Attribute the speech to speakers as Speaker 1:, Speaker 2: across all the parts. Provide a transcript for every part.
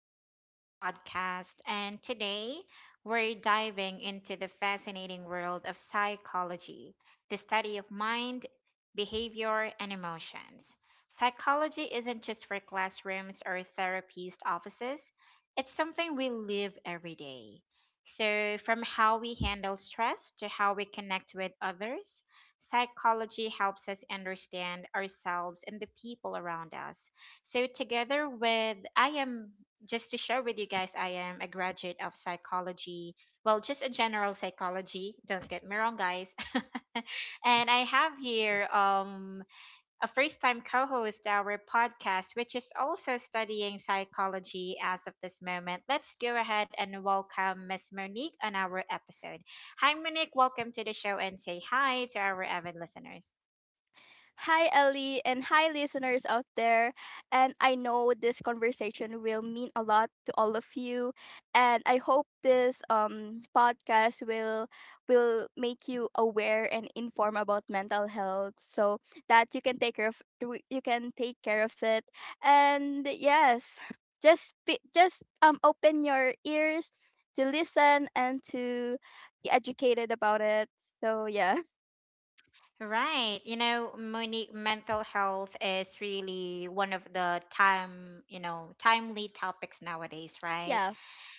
Speaker 1: back to our podcast. And today we're diving into the fascinating world of psychology, the study of mind, behavior, and emotions. Psychology isn't just for classrooms or therapist offices, it's something we live every day. So, from how we handle stress to how we connect with others, psychology helps us understand ourselves and the people around us so together with I am just to share with you guys, I am a graduate of psychology. Well, just a general psychology. Don't get me wrong, guys. And I have here a first time co-host our podcast, which is also studying psychology as of this moment. Let's go ahead and welcome Miss Monique on our episode. Hi, Monique. Welcome to the show and say hi to our avid listeners.
Speaker 2: Hi, Ellie, and hi, listeners out there. And I know this conversation will mean a lot to all of you. And I hope this podcast will make you aware and inform about mental health, so that you can take care of you can take care of it. And yes, just open your ears to listen and to be educated about it. So yeah,
Speaker 1: Right. Monique, mental health is really one of the time, timely topics nowadays, right?
Speaker 2: yeah,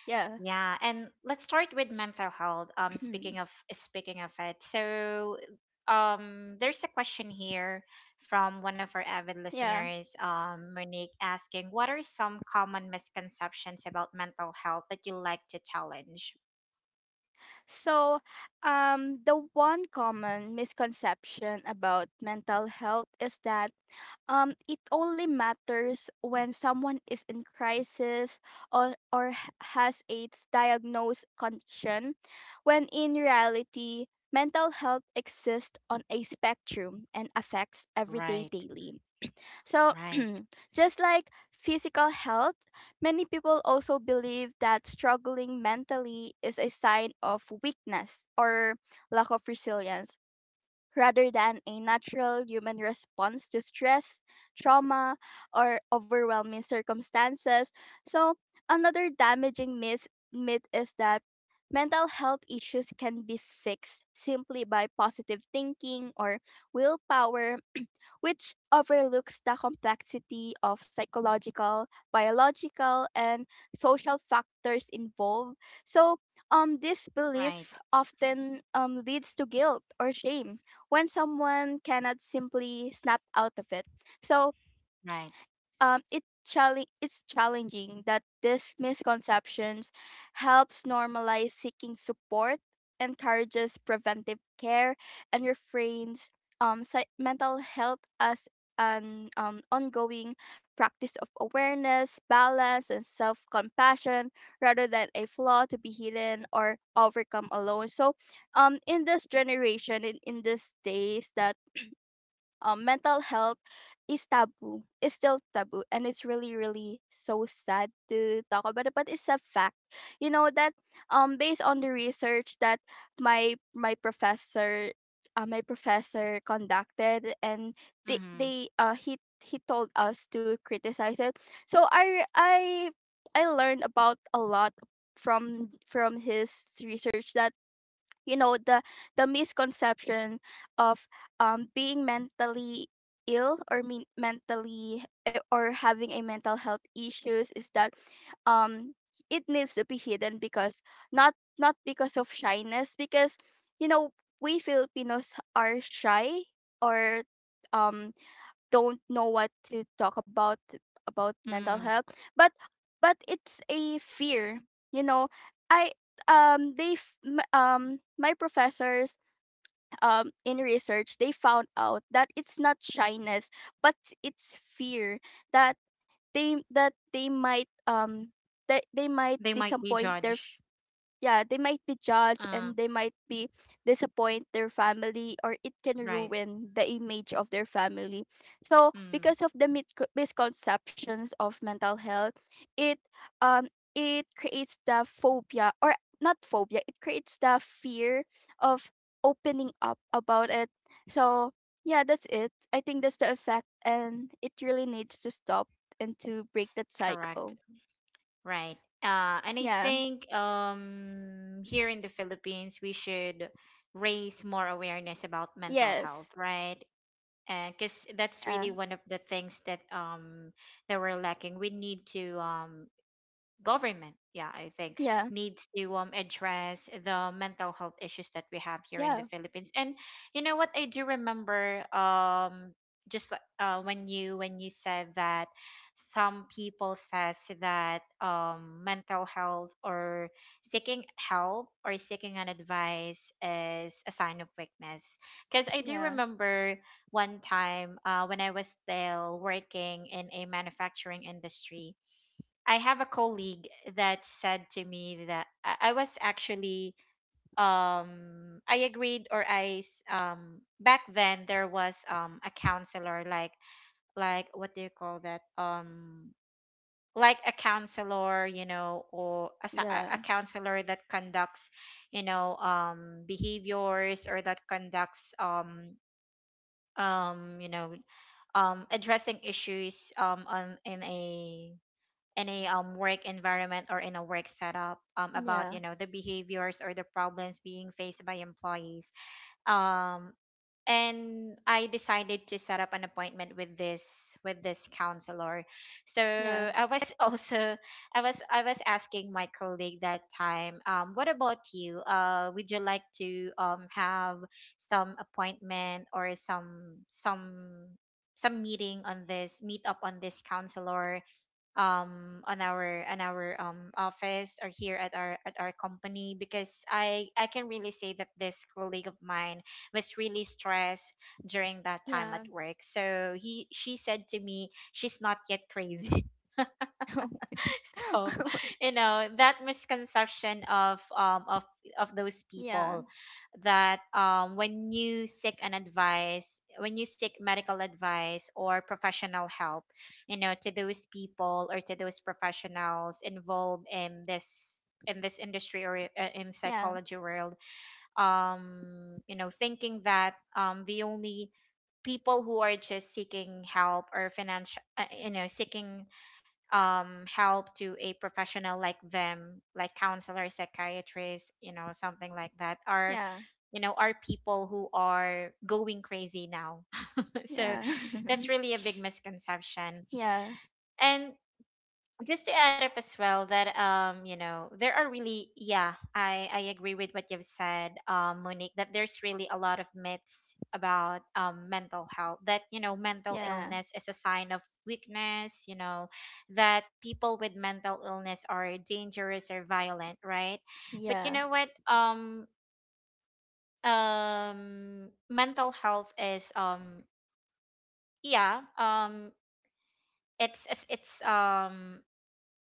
Speaker 2: yeah,
Speaker 1: Yeah. And let's start with mental health. Um, speaking of speaking of it, so there's a question here from one of our avid
Speaker 2: yeah.
Speaker 1: listeners, Monique, asking, "What are some common misconceptions about mental health that you like to challenge?"
Speaker 2: So, the one common misconception about mental health is that it only matters when someone is in crisis or has a diagnosed condition, when in reality, mental health exists on a spectrum and affects everyday
Speaker 1: Right.
Speaker 2: daily. So,
Speaker 1: Right.
Speaker 2: just like physical health, many people also believe that struggling mentally is a sign of weakness or lack of resilience rather than a natural human response to stress, trauma, or overwhelming circumstances. So, another damaging myth is that mental health issues can be fixed simply by positive thinking or willpower, which overlooks the complexity of psychological, biological, and social factors involved. So, this belief
Speaker 1: Right.
Speaker 2: often leads to guilt or shame when someone cannot simply snap out of it. So,
Speaker 1: Right.
Speaker 2: it's challenging that these misconceptions helps normalize seeking support, encourages preventive care, and refrains mental health as an ongoing practice of awareness, balance, and self compassion rather than a flaw to be hidden or overcome alone. So, in this generation, in these days that mental health is taboo, is still taboo. And it's really, really so sad to talk about it, but it's a fact. You know that based on the research that my professor my professor conducted, and
Speaker 1: Mm-hmm.
Speaker 2: they he told us to criticize it. So I I learned about a lot from his research that, you know, the misconception of being mentally ill or mean mentally or having a mental health issues is that um it needs to be hidden because not not because of shyness, because, you know, we Filipinos are shy or um don't know what to talk about mental health, but it's a fear. You know, I they f- m- my professors in research they found out that it's not shyness but it's fear that they might
Speaker 1: They might be
Speaker 2: disappoint their,
Speaker 1: judged.
Speaker 2: yeah, they might be judged,
Speaker 1: Uh,
Speaker 2: and they might be disappoint their family, or it can
Speaker 1: right.
Speaker 2: ruin the image of their family. So
Speaker 1: Mm,
Speaker 2: because of the misconceptions of mental health, it um it creates the phobia, or not phobia, it creates the fear of opening up about it. So yeah, that's it. I think that's the effect and it really needs to stop and to break that
Speaker 1: correct.
Speaker 2: cycle.
Speaker 1: Right. And I
Speaker 2: Yeah.
Speaker 1: think here in the Philippines we should raise more awareness about mental health,
Speaker 2: Yes.
Speaker 1: right? Because that's really
Speaker 2: Yeah,
Speaker 1: one of the things that that we're lacking. We need to government yeah I think
Speaker 2: yeah,
Speaker 1: needs to address the mental health issues that we have here in the
Speaker 2: yeah.
Speaker 1: Philippines and you know what I do remember when you said that some people says that mental health or seeking help or seeking an advice is a sign of weakness because I do
Speaker 2: Yeah,
Speaker 1: remember one time when I was still working in a manufacturing industry. I have a colleague that said to me that I was actually I agreed or back then there was a counselor like what do you call that like a counselor you know or a, sa- a
Speaker 2: yeah,
Speaker 1: counselor that conducts you know behaviors or that conducts you know addressing issues on in a work environment or in a work setup, about
Speaker 2: yeah,
Speaker 1: you know the behaviors or the problems being faced by employees, um, and I decided to set up an appointment with this counselor. So
Speaker 2: yeah,
Speaker 1: I was also, I was asking my colleague that time, what about you? Would you like to have some appointment or some meeting on this meet up on this counselor on our office or here at our company because I can really say that this colleague of mine was really stressed during that time at
Speaker 2: yeah.
Speaker 1: work. So he she said to me she's not yet crazy people. You know that misconception of of those
Speaker 2: Yeah,
Speaker 1: people that when you seek an advice, when you seek medical advice or professional help, you know, to those people or to those professionals involved in this industry or in
Speaker 2: yeah, yeah,
Speaker 1: psychology world, you know thinking that the only people who are just seeking help or financial, you know, seeking help to a professional like them, like counselor, psychiatrist, you know, something like that are, you know, are people who are going crazy now. So
Speaker 2: yeah.
Speaker 1: that's really a big misconception.
Speaker 2: Yeah,
Speaker 1: And just to add up as well that you know there are really yeah I agree with what you've said, Monique, that there's really a lot of myths about mental health that you know mental
Speaker 2: yeah, yeah,
Speaker 1: illness is a sign of weakness, you know, that people with mental illness are dangerous or violent, right? But you
Speaker 2: yeah,
Speaker 1: know what? Mental health is yeah um it's it's it's um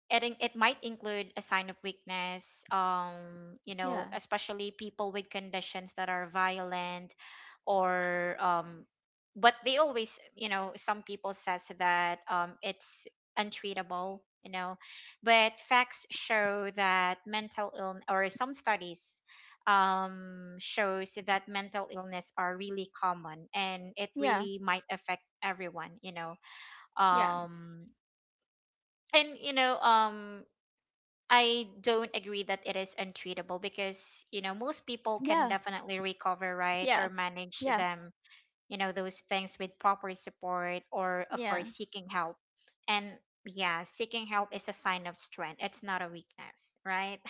Speaker 1: it might include a sign of weakness, you know,
Speaker 2: yeah,
Speaker 1: especially people with conditions that are violent, or but they always you know some people says that it's untreatable, you know, but facts show that mental illness or some studies shows that mental illness are really common and it
Speaker 2: yeah, yeah, yeah,
Speaker 1: really might affect everyone, you know. Um and you know I don't agree that it is untreatable because, you know, most people can definitely recover, right, or manage them, you know, those things with proper support or, of
Speaker 2: yeah,
Speaker 1: course,
Speaker 2: yeah,
Speaker 1: seeking help. And yeah, seeking help is a sign of strength, it's not a weakness, right?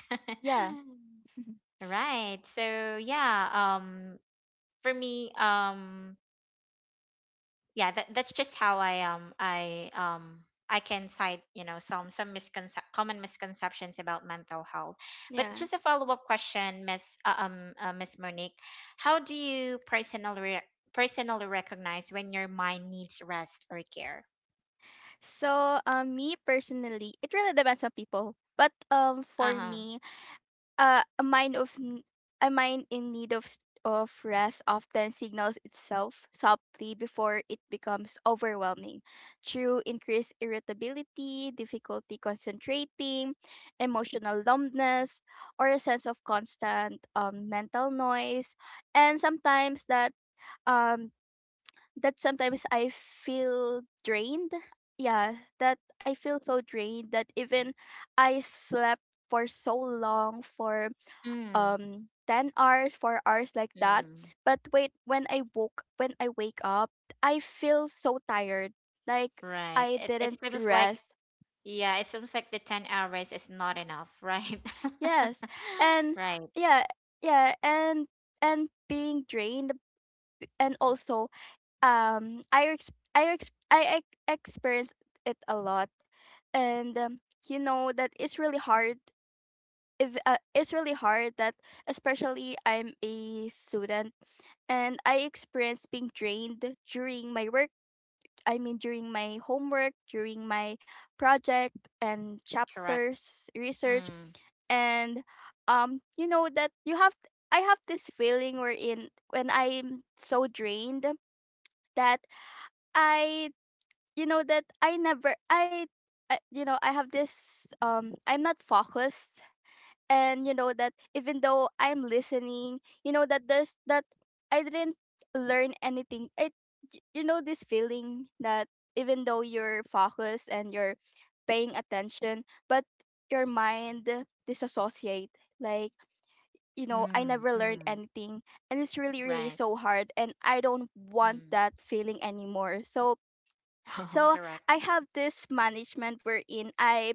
Speaker 2: yeah,
Speaker 1: Right. So, yeah, for me, yeah that's just how I can cite you know common misconceptions about mental health. But
Speaker 2: yeah.
Speaker 1: just a follow-up question, Miss Monique, how do you personally recognize when your mind needs rest or care?
Speaker 2: So, me personally, it really depends on people. But for
Speaker 1: Uh-huh.
Speaker 2: me, uh, a mind of n- a mind in need of of rest often signals itself softly before it becomes overwhelming through increased irritability, difficulty concentrating, emotional numbness, or a sense of constant mental noise, and sometimes that um that sometimes I feel drained. Yeah, that I feel so drained that even I slept for so long, for
Speaker 1: Mm,
Speaker 2: 10 hours, 4 hours, like that.
Speaker 1: mm,
Speaker 2: But wait, when I woke when I wake up I feel so tired, like
Speaker 1: right
Speaker 2: I
Speaker 1: it
Speaker 2: didn't
Speaker 1: seems like
Speaker 2: rest.
Speaker 1: yeah it seems like the 10 hours is not enough, right?
Speaker 2: Yes. And
Speaker 1: Right.
Speaker 2: yeah, yeah, and being drained, and also experienced it a lot. And you know that it's really hard, if it's really hard that especially I'm a student, and I experienced being drained during my work. I mean, during my homework, during my project and
Speaker 1: Correct.
Speaker 2: chapters, research,
Speaker 1: Mm,
Speaker 2: and you know that you have. I have this feeling wherein when I'm so drained that I, you know, that I never, I you know, I have this. I'm not focused, and you know that even though I'm listening, you know that there's that I didn't learn anything. You know, this feeling that even though you're focused and you're paying attention, but your mind disassociate. Like, you know, I
Speaker 1: mm,
Speaker 2: never learned
Speaker 1: mm,
Speaker 2: anything, and it's really really
Speaker 1: right.
Speaker 2: so hard, and I don't want
Speaker 1: Mm.
Speaker 2: that feeling anymore. So
Speaker 1: Oh,
Speaker 2: so
Speaker 1: correct.
Speaker 2: I have this management wherein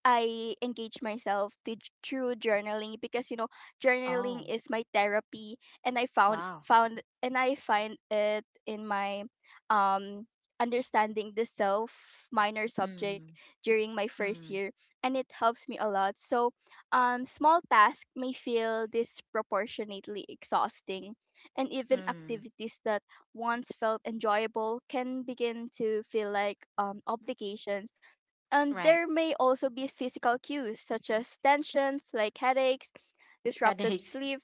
Speaker 2: I engage myself to, through journaling, because, you know, journaling
Speaker 1: Oh,
Speaker 2: is my therapy, and I found
Speaker 1: wow.
Speaker 2: found and I find it in my um understanding the self minor subject
Speaker 1: Mm,
Speaker 2: during my first
Speaker 1: mm,
Speaker 2: year, and it helps me a lot. So small tasks may feel disproportionately exhausting, and even
Speaker 1: mm.
Speaker 2: activities that once felt enjoyable can begin to feel like obligations, and
Speaker 1: Right.
Speaker 2: there may also be physical cues such as tensions like headaches, disruptive
Speaker 1: Headaches.
Speaker 2: sleep,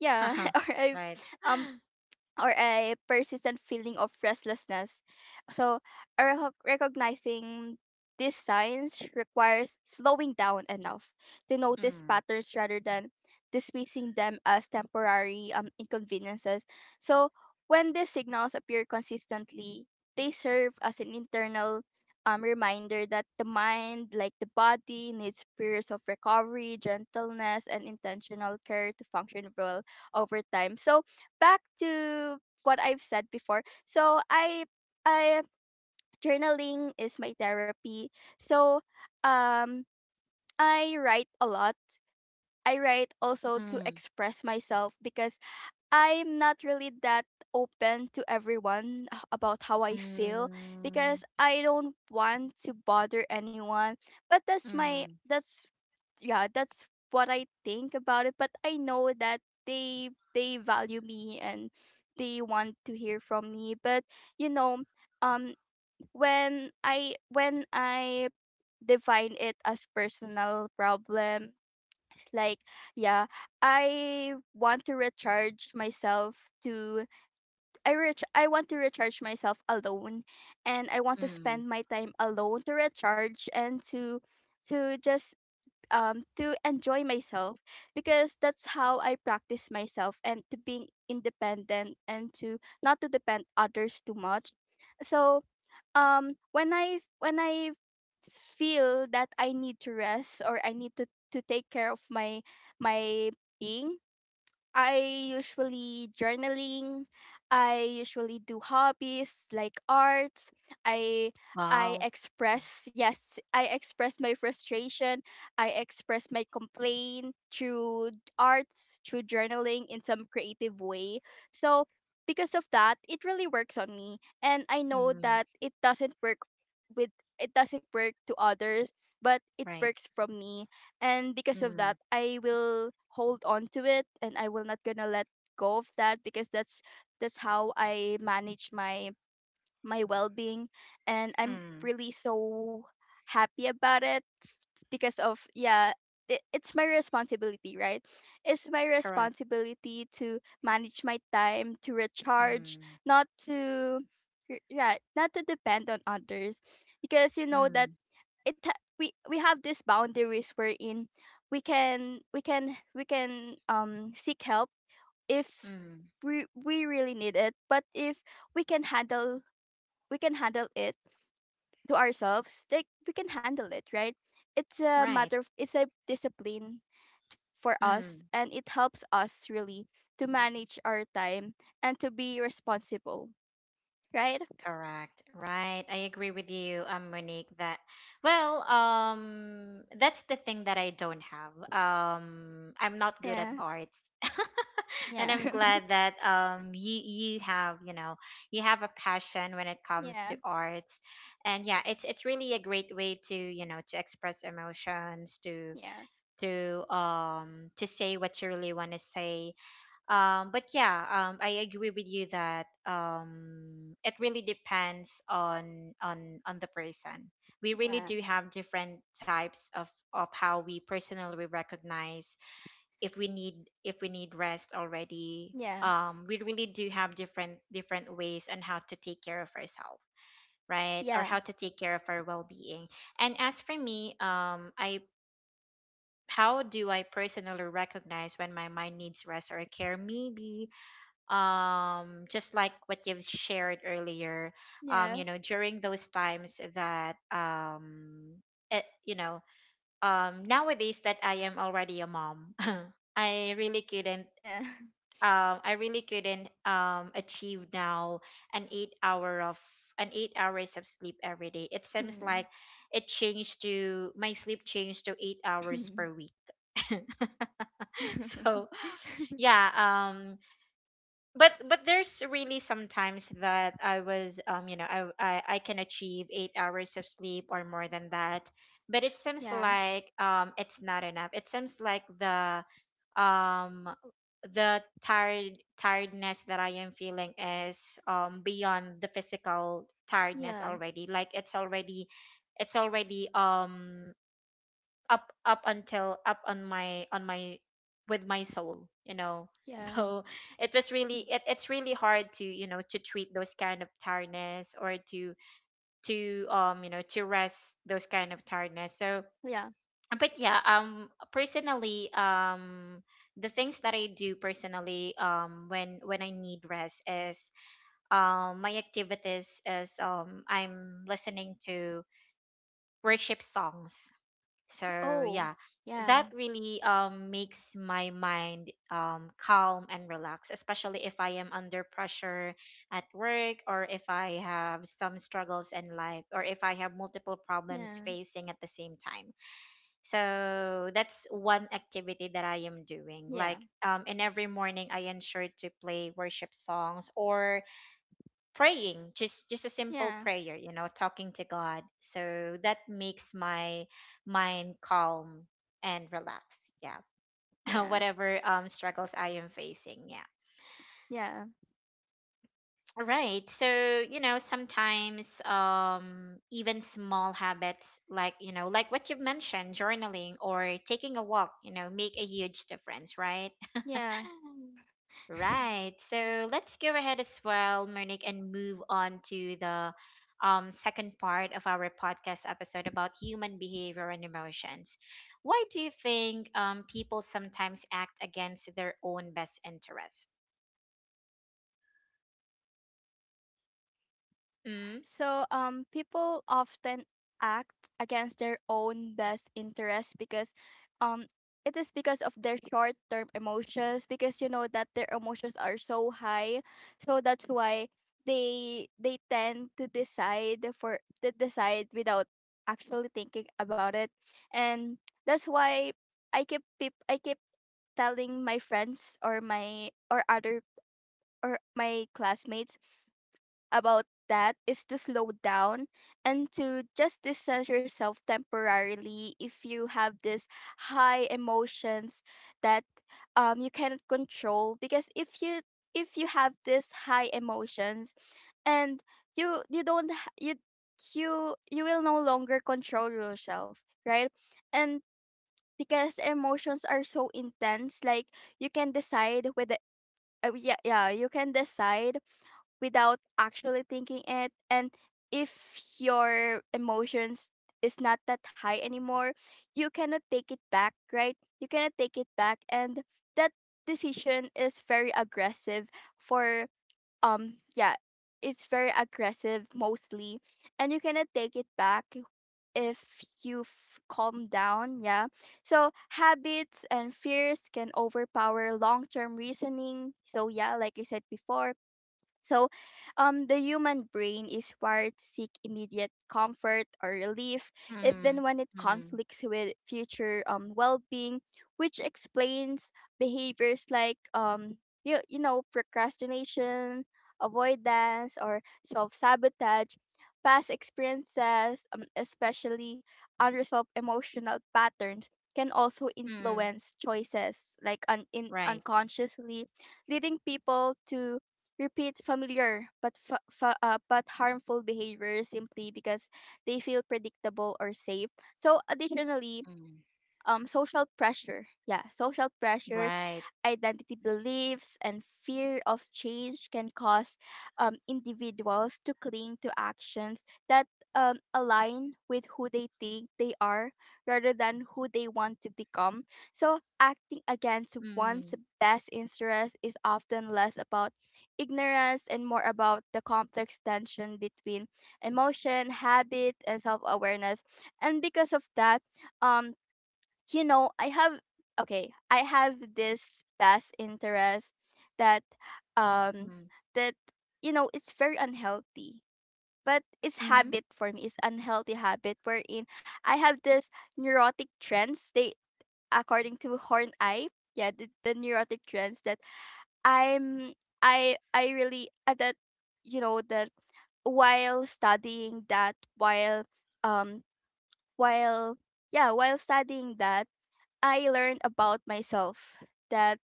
Speaker 2: yeah, or
Speaker 1: Right.
Speaker 2: um or a persistent feeling of restlessness. So, a recognizing these signs requires slowing down enough to notice
Speaker 1: Mm,
Speaker 2: patterns rather than dismissing them as temporary inconveniences. So, when these signals appear consistently, they serve as an internal reminder that the mind, like the body, needs periods of recovery, gentleness, and intentional care to function well over time. So, back to what I've said before. So I journaling is my therapy. So um I write a lot. I write also to
Speaker 1: mm,
Speaker 2: express myself because I'm not really that open to everyone about how I feel, because
Speaker 1: mm,
Speaker 2: I don't want to bother anyone. But that's my
Speaker 1: mm,
Speaker 2: that's yeah, that's what I think about it. But I know that they value me and they want to hear from me. But you know, um, when I define it as personal problem, like yeah, I want to recharge myself to I rich I want to recharge myself alone, and I want to spend
Speaker 1: mm.
Speaker 2: my time alone to recharge and to just to enjoy myself, because that's how I practice myself and to being independent and to not to depend others too much. So when I feel that I need to rest or I need to take care of my my being, I usually journaling. I usually do hobbies like arts. I I
Speaker 1: Wow.
Speaker 2: express, yes, I express my frustration. I express my complaint through arts, through journaling, in some creative way. So because of that, it really works on me, and I know
Speaker 1: Mm,
Speaker 2: that it doesn't work with it doesn't work to others, but it
Speaker 1: right.
Speaker 2: works from me. And because of that
Speaker 1: Mm,
Speaker 2: I will hold on to it, and I will not gonna let go of that, because that's how I manage my well-being, and I'm
Speaker 1: mm.
Speaker 2: really so happy about it because of, yeah, it, it's my responsibility, right. It's my
Speaker 1: Correct.
Speaker 2: responsibility to manage my time to recharge,
Speaker 1: Mm,
Speaker 2: not to yeah, not to depend on others, because you know that
Speaker 1: mm,
Speaker 2: it ha- we have these boundaries wherein we can seek help if
Speaker 1: mm.
Speaker 2: we we really need it, but if we can handle we can handle it to ourselves, like we can handle it, right. it's a
Speaker 1: Right.
Speaker 2: matter of it's a discipline for us,
Speaker 1: Mm,
Speaker 2: and it helps us really to manage our time and to be responsible, right.
Speaker 1: correct. Right. I agree with you, Monique, that well, that's the thing that I don't have. I'm not good at
Speaker 2: Yeah.
Speaker 1: arts. And
Speaker 2: Yeah.
Speaker 1: I'm glad that you have, you know, you have a passion when it comes to
Speaker 2: Yeah,
Speaker 1: arts, and yeah, it's really a great way to, you know, to express emotions
Speaker 2: yeah,
Speaker 1: to say what you really want to say. But yeah, I agree with you that it really depends on on the person. We really
Speaker 2: yeah,
Speaker 1: do have different types of how we personally recognize if we need, if we need rest already.
Speaker 2: yeah,
Speaker 1: We really do have different different ways on how to take care of ourselves, right, or
Speaker 2: yeah,
Speaker 1: how to take care of our well-being. And as for me, I how do I personally recognize when my mind needs rest or care? Maybe just like what you've shared earlier. You
Speaker 2: yeah.
Speaker 1: know, during those times that you know, nowadays that I am already a mom. I really couldn't
Speaker 2: Yeah.
Speaker 1: I really couldn't achieve now an eight hour of an 8 hours of sleep every day. It seems like
Speaker 2: Hmm.
Speaker 1: it changed to, my sleep changed to 8 hours per week. So yeah, but there's really sometimes that I was, you know, I can achieve 8 hours of sleep or more than that, but it seems
Speaker 2: Yeah.
Speaker 1: like it's not enough. It seems like the um tiredness that I am feeling is beyond the physical tiredness
Speaker 2: Yeah.
Speaker 1: already. Like it's already up on my with my soul, you know.
Speaker 2: Yeah.
Speaker 1: So it was really it's really hard to, you know, to treat those kind of tiredness or to, you know, to rest those kind of tiredness. So
Speaker 2: Yeah.
Speaker 1: but yeah, personally, the things that I do personally when I need rest is my activities is I'm listening to worship songs. So
Speaker 2: Oh.
Speaker 1: yeah,
Speaker 2: Yeah.
Speaker 1: that really makes my mind calm and relaxed, especially if I am under pressure at work or if I have some struggles in life or if I have multiple problems
Speaker 2: Yeah.
Speaker 1: facing at the same time. So that's one activity that I am doing.
Speaker 2: Yeah.
Speaker 1: Like in every morning I ensure to play worship songs or praying, just a simple
Speaker 2: Yeah.
Speaker 1: prayer, you know, talking to god, so that makes my mind calm and relaxed, yeah.
Speaker 2: Yeah.
Speaker 1: Whatever struggles I am facing, yeah.
Speaker 2: Yeah.
Speaker 1: All right. So you know, sometimes even small habits like, you know, like what you mentioned, journaling or taking a walk, you know, make a huge difference, right?
Speaker 2: Yeah.
Speaker 1: Right. So let's go ahead as well, Monique, and move on to the second part of our podcast episode about human behavior and emotions. Why do you think people sometimes act against their own best interest? Mm?
Speaker 2: So, people often act against their own best interest because, um, it is because of their short-term emotions, because you know that their emotions are so high, so that's why they tend to decide without actually thinking about it. And that's why I keep telling my friends or my or other or my classmates about that is to slow down and to just distance yourself temporarily if you have this high emotions that you cannot control. Because if you have this high emotions, and you don't ha- you will no longer control yourself, right. And because emotions are so intense, like you can decide whether yeah you can decide without actually thinking it. And if your emotions is not that high anymore, you cannot take it back, right. You cannot take it back, and that decision is very aggressive for, yeah, it's very aggressive mostly, and you cannot take it back if you've calmed down. Yeah. So habits and fears can overpower long term reasoning. So, yeah, like I said before, so, the human brain is wired to seek immediate comfort or relief, even
Speaker 1: Mm-hmm.
Speaker 2: when it
Speaker 1: Mm-hmm.
Speaker 2: conflicts with future well being, which explains behaviors like, you know, procrastination, avoidance, or self sabotage. Past experiences, especially unresolved emotional patterns, can also
Speaker 1: Mm-hmm.
Speaker 2: influence choices like
Speaker 1: Right.
Speaker 2: unconsciously, leading people to repeat familiar but but harmful behaviors simply because they feel predictable or safe. So additionally,
Speaker 1: Mm.
Speaker 2: social pressure. Yeah, social pressure,
Speaker 1: Right.
Speaker 2: identity beliefs, and fear of change can cause individuals to cling to actions that align with who they think they are rather than who they want to become. So, acting against
Speaker 1: Mm.
Speaker 2: one's best interest is often less about ignorance and more about the complex tension between emotion, habit, and self awareness. And because of that, um, I have okay, I have this past interest that
Speaker 1: Mm.
Speaker 2: um that it's very unhealthy. But
Speaker 1: Mm.
Speaker 2: it's habit for me. It's unhealthy habit wherein I have this neurotic trends. They, according to Horn Eye, yeah, the neurotic trends that I'm I really that you know that while studying that um while yeah while studying that I learned about myself that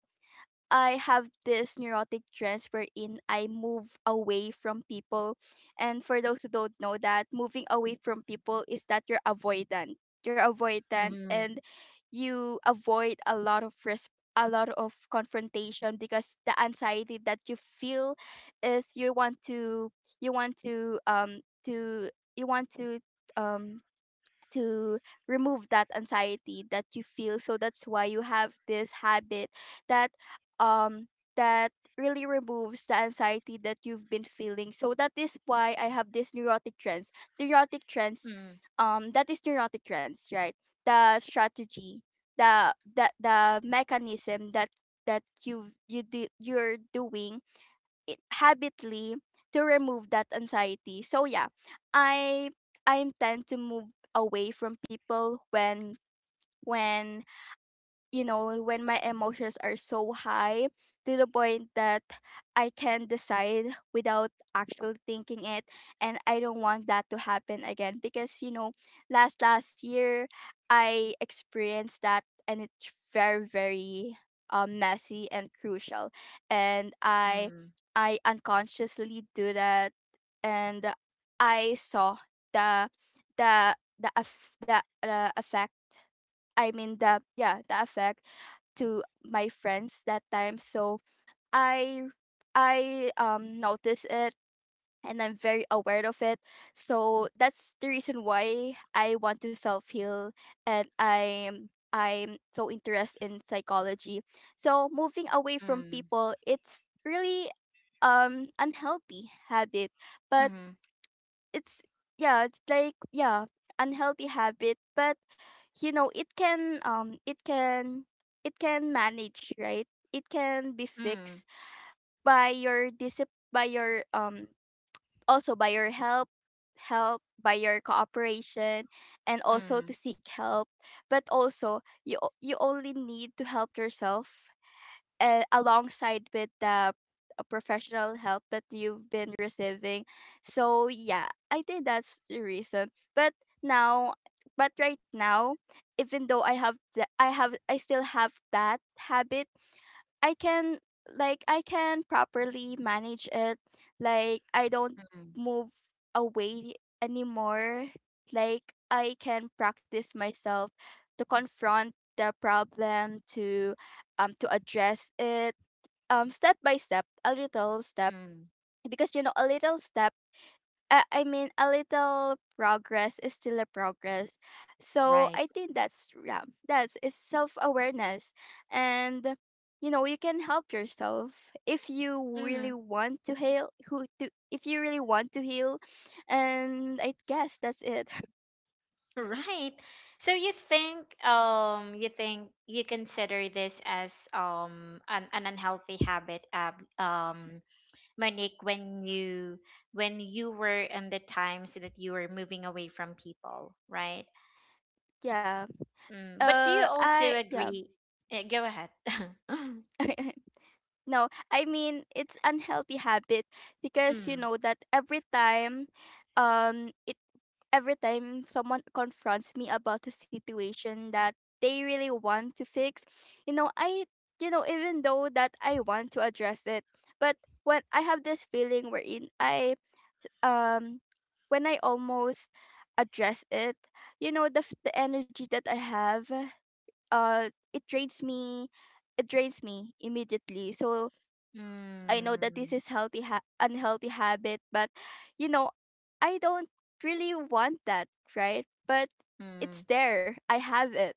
Speaker 2: I have this neurotic trends wherein I move away from people. And for those who don't know that, moving away from people is that you're avoidant. You're avoidant
Speaker 1: Mm.
Speaker 2: and you avoid a lot of risk, a lot of confrontation, because the anxiety that you feel is you want to you want to um to you want to um remove that anxiety that you feel, so that's why you have this habit that um that really removes the anxiety that you've been feeling. So that is why I have this neurotic trends, neurotic trends
Speaker 1: Mm.
Speaker 2: that is neurotic trends, right? The strategy, the mechanism that that you do, you're doing it habitly to remove that anxiety. So yeah, I I tend to move away from people when when you know, when my emotions are so high to the point that I can decide without actually thinking it. And I don't want that to happen again because, you know, last year I experienced that and it's very, messy and crucial. And I
Speaker 1: Mm.
Speaker 2: I unconsciously do that, and I saw the the the effect, I mean the yeah, the effect to my friends that time. So I I notice it, and I'm very aware of it. So that's the reason why I want to self heal, and I'm so interested in psychology. So moving away from
Speaker 1: Mm.
Speaker 2: people, it's really unhealthy habit. But
Speaker 1: Mm.
Speaker 2: it's yeah, it's like yeah, unhealthy habit, but you know, it can it can manage, right? It can be
Speaker 1: Mm.
Speaker 2: fixed by your also by your help, by your cooperation, and also
Speaker 1: Mm.
Speaker 2: to seek help, but also you only need to help yourself, alongside with the professional help that you've been receiving. So yeah, I think that's the reason. Now, but right now, even though I have the, I still have that habit, I can, like, I can properly manage it. Like I don't
Speaker 1: Mm.
Speaker 2: move away anymore. Like I can practice myself to confront the problem, to address it, step by step, a little step,
Speaker 1: Mm.
Speaker 2: because you know a little step, a little progress is still a progress. So
Speaker 1: Right.
Speaker 2: I think that's yeah that's is self-awareness, and you know, you can help yourself if you really want to heal who to if you really want to heal. And I guess that's it.
Speaker 1: Right. So you think you think you consider this as an unhealthy habit Monique when you were in the times that you were moving away from people, right?
Speaker 2: Yeah.
Speaker 1: Mm, but do you also
Speaker 2: I Yeah.
Speaker 1: agree? Go ahead.
Speaker 2: No, I mean it's unhealthy habit, because you
Speaker 1: Mm,
Speaker 2: know that every time it every time someone confronts me about a situation that they really want to fix, you know, I, you know, even though that I want to address it, but when I have this feeling wherein I um when I almost address it, you know, the energy that I have uh it drains me, it drains me immediately. So I know that this
Speaker 1: mm,
Speaker 2: is unhealthy habit, but you know, I don't really want that, right? But
Speaker 1: mm,
Speaker 2: it's there. I have it.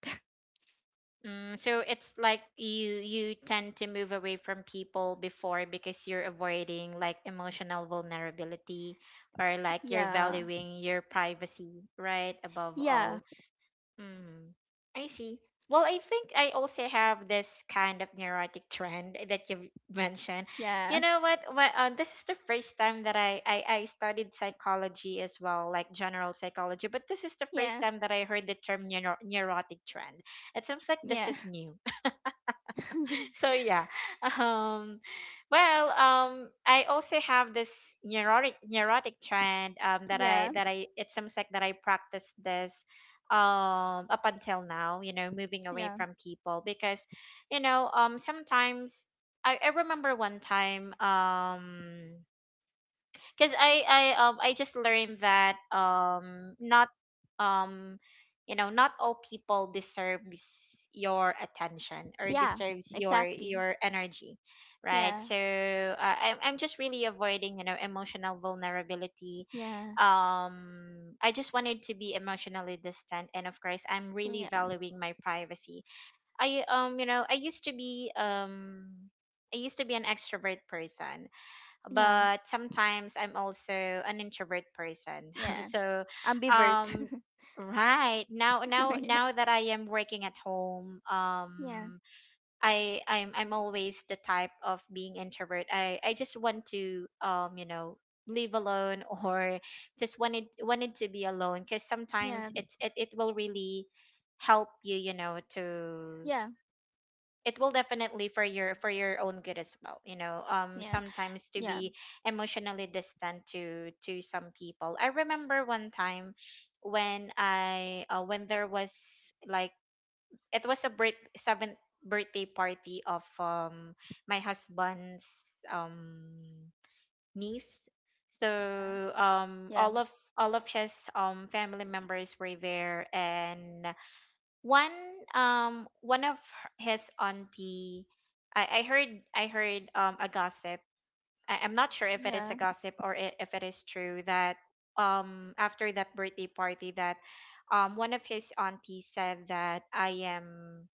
Speaker 1: mm, so it's like you tend to move away from people before because you're avoiding like emotional vulnerability or like you're
Speaker 2: Yeah.
Speaker 1: valuing your privacy, right? Above
Speaker 2: Yeah.
Speaker 1: all. Mm, I see. Well, I think I also have this kind of neurotic trend that you mentioned.
Speaker 2: Yeah.
Speaker 1: You know what? This is the first time that I studied psychology as well, like general psychology, but this is the
Speaker 2: Yeah.
Speaker 1: first time that I heard the term neurotic trend. It seems like this
Speaker 2: Yeah.
Speaker 1: is new. So yeah um well, I also have this neurotic trend, that i
Speaker 2: Yeah.
Speaker 1: that i it seems like that I practice this up until now, you know, moving away
Speaker 2: Yeah.
Speaker 1: from people because, you know, sometimes, I remember one time, because I I just learned that, not um you know, not all people deserves your attention or
Speaker 2: Yeah.
Speaker 1: deserves your
Speaker 2: Exactly.
Speaker 1: energy, right?
Speaker 2: Yeah.
Speaker 1: So I'm just really avoiding, you know, emotional vulnerability.
Speaker 2: Yeah.
Speaker 1: I just wanted to be emotionally distant, and of course I'm really
Speaker 2: Yeah.
Speaker 1: valuing my privacy. I, you know, I used to be an extrovert person,
Speaker 2: Yeah.
Speaker 1: but sometimes I'm also an introvert person.
Speaker 2: Yeah.
Speaker 1: so,
Speaker 2: Ambivert.
Speaker 1: um, right
Speaker 2: Yeah.
Speaker 1: now that I am working at home,
Speaker 2: Yeah.
Speaker 1: I'm always the type of being introvert. I just want to, you know, live alone or just wanted to be alone because
Speaker 2: Yeah.
Speaker 1: sometimes it will really help you, you know, to,
Speaker 2: Yeah.
Speaker 1: it will definitely for your own good as well, you know.
Speaker 2: Yeah.
Speaker 1: Sometimes to
Speaker 2: Yeah.
Speaker 1: be emotionally distant to some people. I remember one time when I when there was, like, it was a birth seventh birthday party of my husband's um niece.
Speaker 2: Yeah.
Speaker 1: So
Speaker 2: Yeah.
Speaker 1: all of his family members were there, and one, one of his auntie, I heard, I heard a gossip. I'm not sure if it is
Speaker 2: Yeah.
Speaker 1: a gossip or if it is true that, after that birthday party, that, one of his aunties said that I am,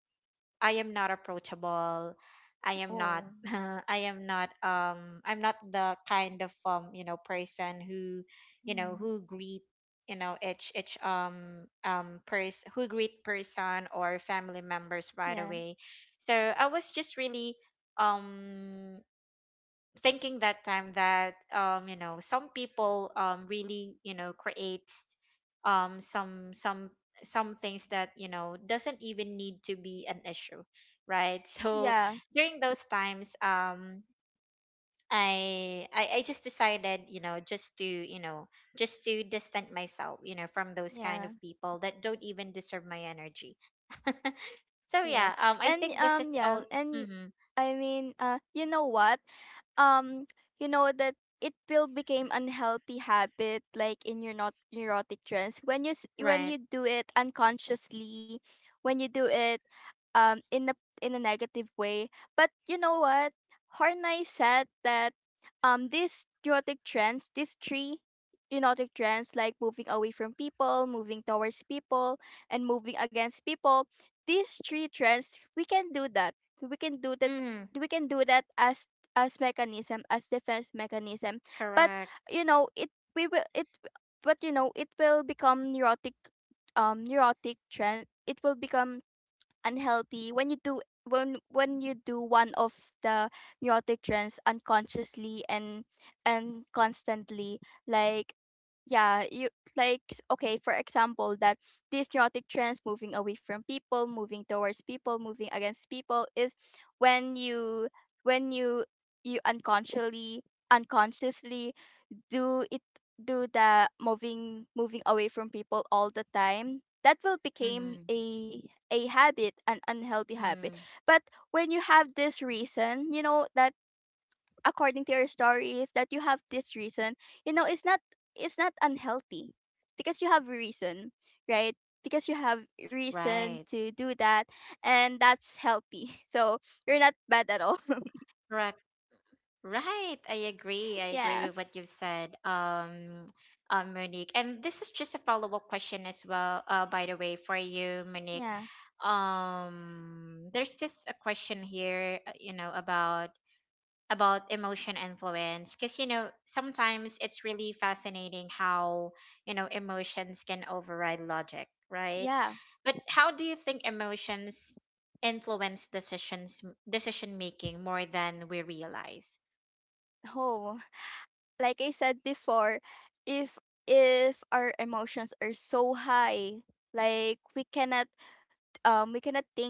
Speaker 1: I am not approachable. I am not
Speaker 2: Oh.
Speaker 1: I am not I'm not the kind of, you know, person who, you know,
Speaker 2: Hmm.
Speaker 1: who greet, you know, each person, who greet person or family members right
Speaker 2: Yeah.
Speaker 1: away. So I was just really um thinking that time that, you know, some people, really, you know, creates um some some some things that, you know, doesn't even need to be an issue, right? So
Speaker 2: Yeah.
Speaker 1: during those times, I just decided, you know, just to, you know, just to distance myself, you know, from those kind of
Speaker 2: Yeah.
Speaker 1: people that don't even deserve my energy. so
Speaker 2: Yeah.
Speaker 1: yeah um I
Speaker 2: And
Speaker 1: think this is
Speaker 2: yeah,
Speaker 1: all.
Speaker 2: and
Speaker 1: Hmm.
Speaker 2: I mean, you know what? um you know that it will become unhealthy habit like in your not neurotic trends when when
Speaker 1: Right.
Speaker 2: you do it unconsciously, when you do it in a negative way. But you know what Horney said, that these neurotic trends, these three neurotic trends, like moving away from people, moving towards people, and moving against people, these three trends, we can do that
Speaker 1: Hmm.
Speaker 2: we can do that as mechanism, as defense mechanism. But
Speaker 1: Correct.
Speaker 2: you know it, we will it but you know it will become neurotic, neurotic trend, it will become unhealthy when you do one of the neurotic trends unconsciously and constantly. Like yeah you, like okay, for example, that these neurotic trends, moving away from people, moving towards people, moving against people, is when you when you you unconsciously do it, do the moving away from people all the time, that will become
Speaker 1: Mm-hmm.
Speaker 2: a habit, an unhealthy habit.
Speaker 1: Mm-hmm.
Speaker 2: But when you have this reason, you know that according to your stories that you have this reason, you know it's not, it's not unhealthy, because you have a reason, right? Because you have
Speaker 1: Right.
Speaker 2: reason to do that. And that's healthy. So you're not bad at all.
Speaker 1: Correct. Right. I agree. I agree
Speaker 2: Yeah.
Speaker 1: with what you've said, Monique. And this is just a follow-up question as well, by the way, for you, Monique.
Speaker 2: yeah
Speaker 1: There's just a question here, you know, about emotion influence, because, you know, sometimes it's really fascinating how, you know, emotions can override logic, right?
Speaker 2: yeah.
Speaker 1: But how do you think emotions influence decision making more than we realize?
Speaker 2: Oh, like I said before, if if our emotions are so high, like we cannot think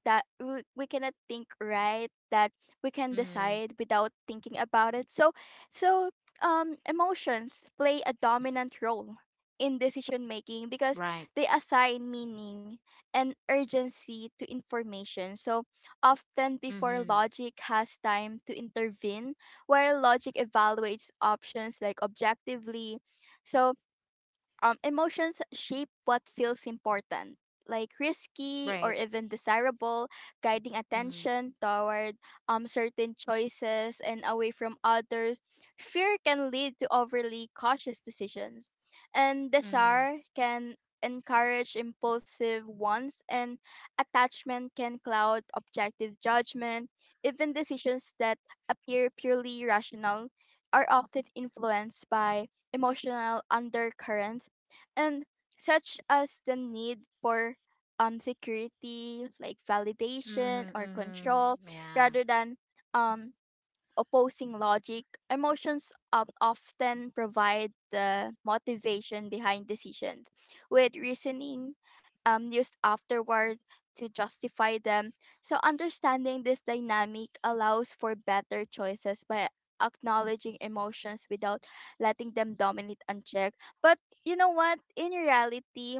Speaker 2: that we cannot think right, that we can
Speaker 1: Mm.
Speaker 2: decide without thinking about it. So so emotions play a dominant role in decision making,
Speaker 1: Right.
Speaker 2: because they assign meaning and urgency to information, so often
Speaker 1: Mm-hmm.
Speaker 2: before logic has time to intervene, while logic evaluates options, like, objectively. So emotions shape what feels important, like risky
Speaker 1: Right.
Speaker 2: or even desirable, guiding
Speaker 1: Mm-hmm.
Speaker 2: attention toward certain choices and away from others. Fear can lead to overly cautious decisions, and
Speaker 1: Mm-hmm.
Speaker 2: desire can encourage impulsive ones, and attachment can cloud objective judgment. Even decisions that appear purely rational are often influenced by emotional undercurrents and such as the need for security, like validation or control,
Speaker 1: Mm-hmm. Yeah.
Speaker 2: rather than um opposing logic. Emotions often provide the motivation behind decisions, with reasoning used afterward to justify them. So, understanding this dynamic allows for better choices by acknowledging emotions without letting them dominate unchecked. But you know what? In reality,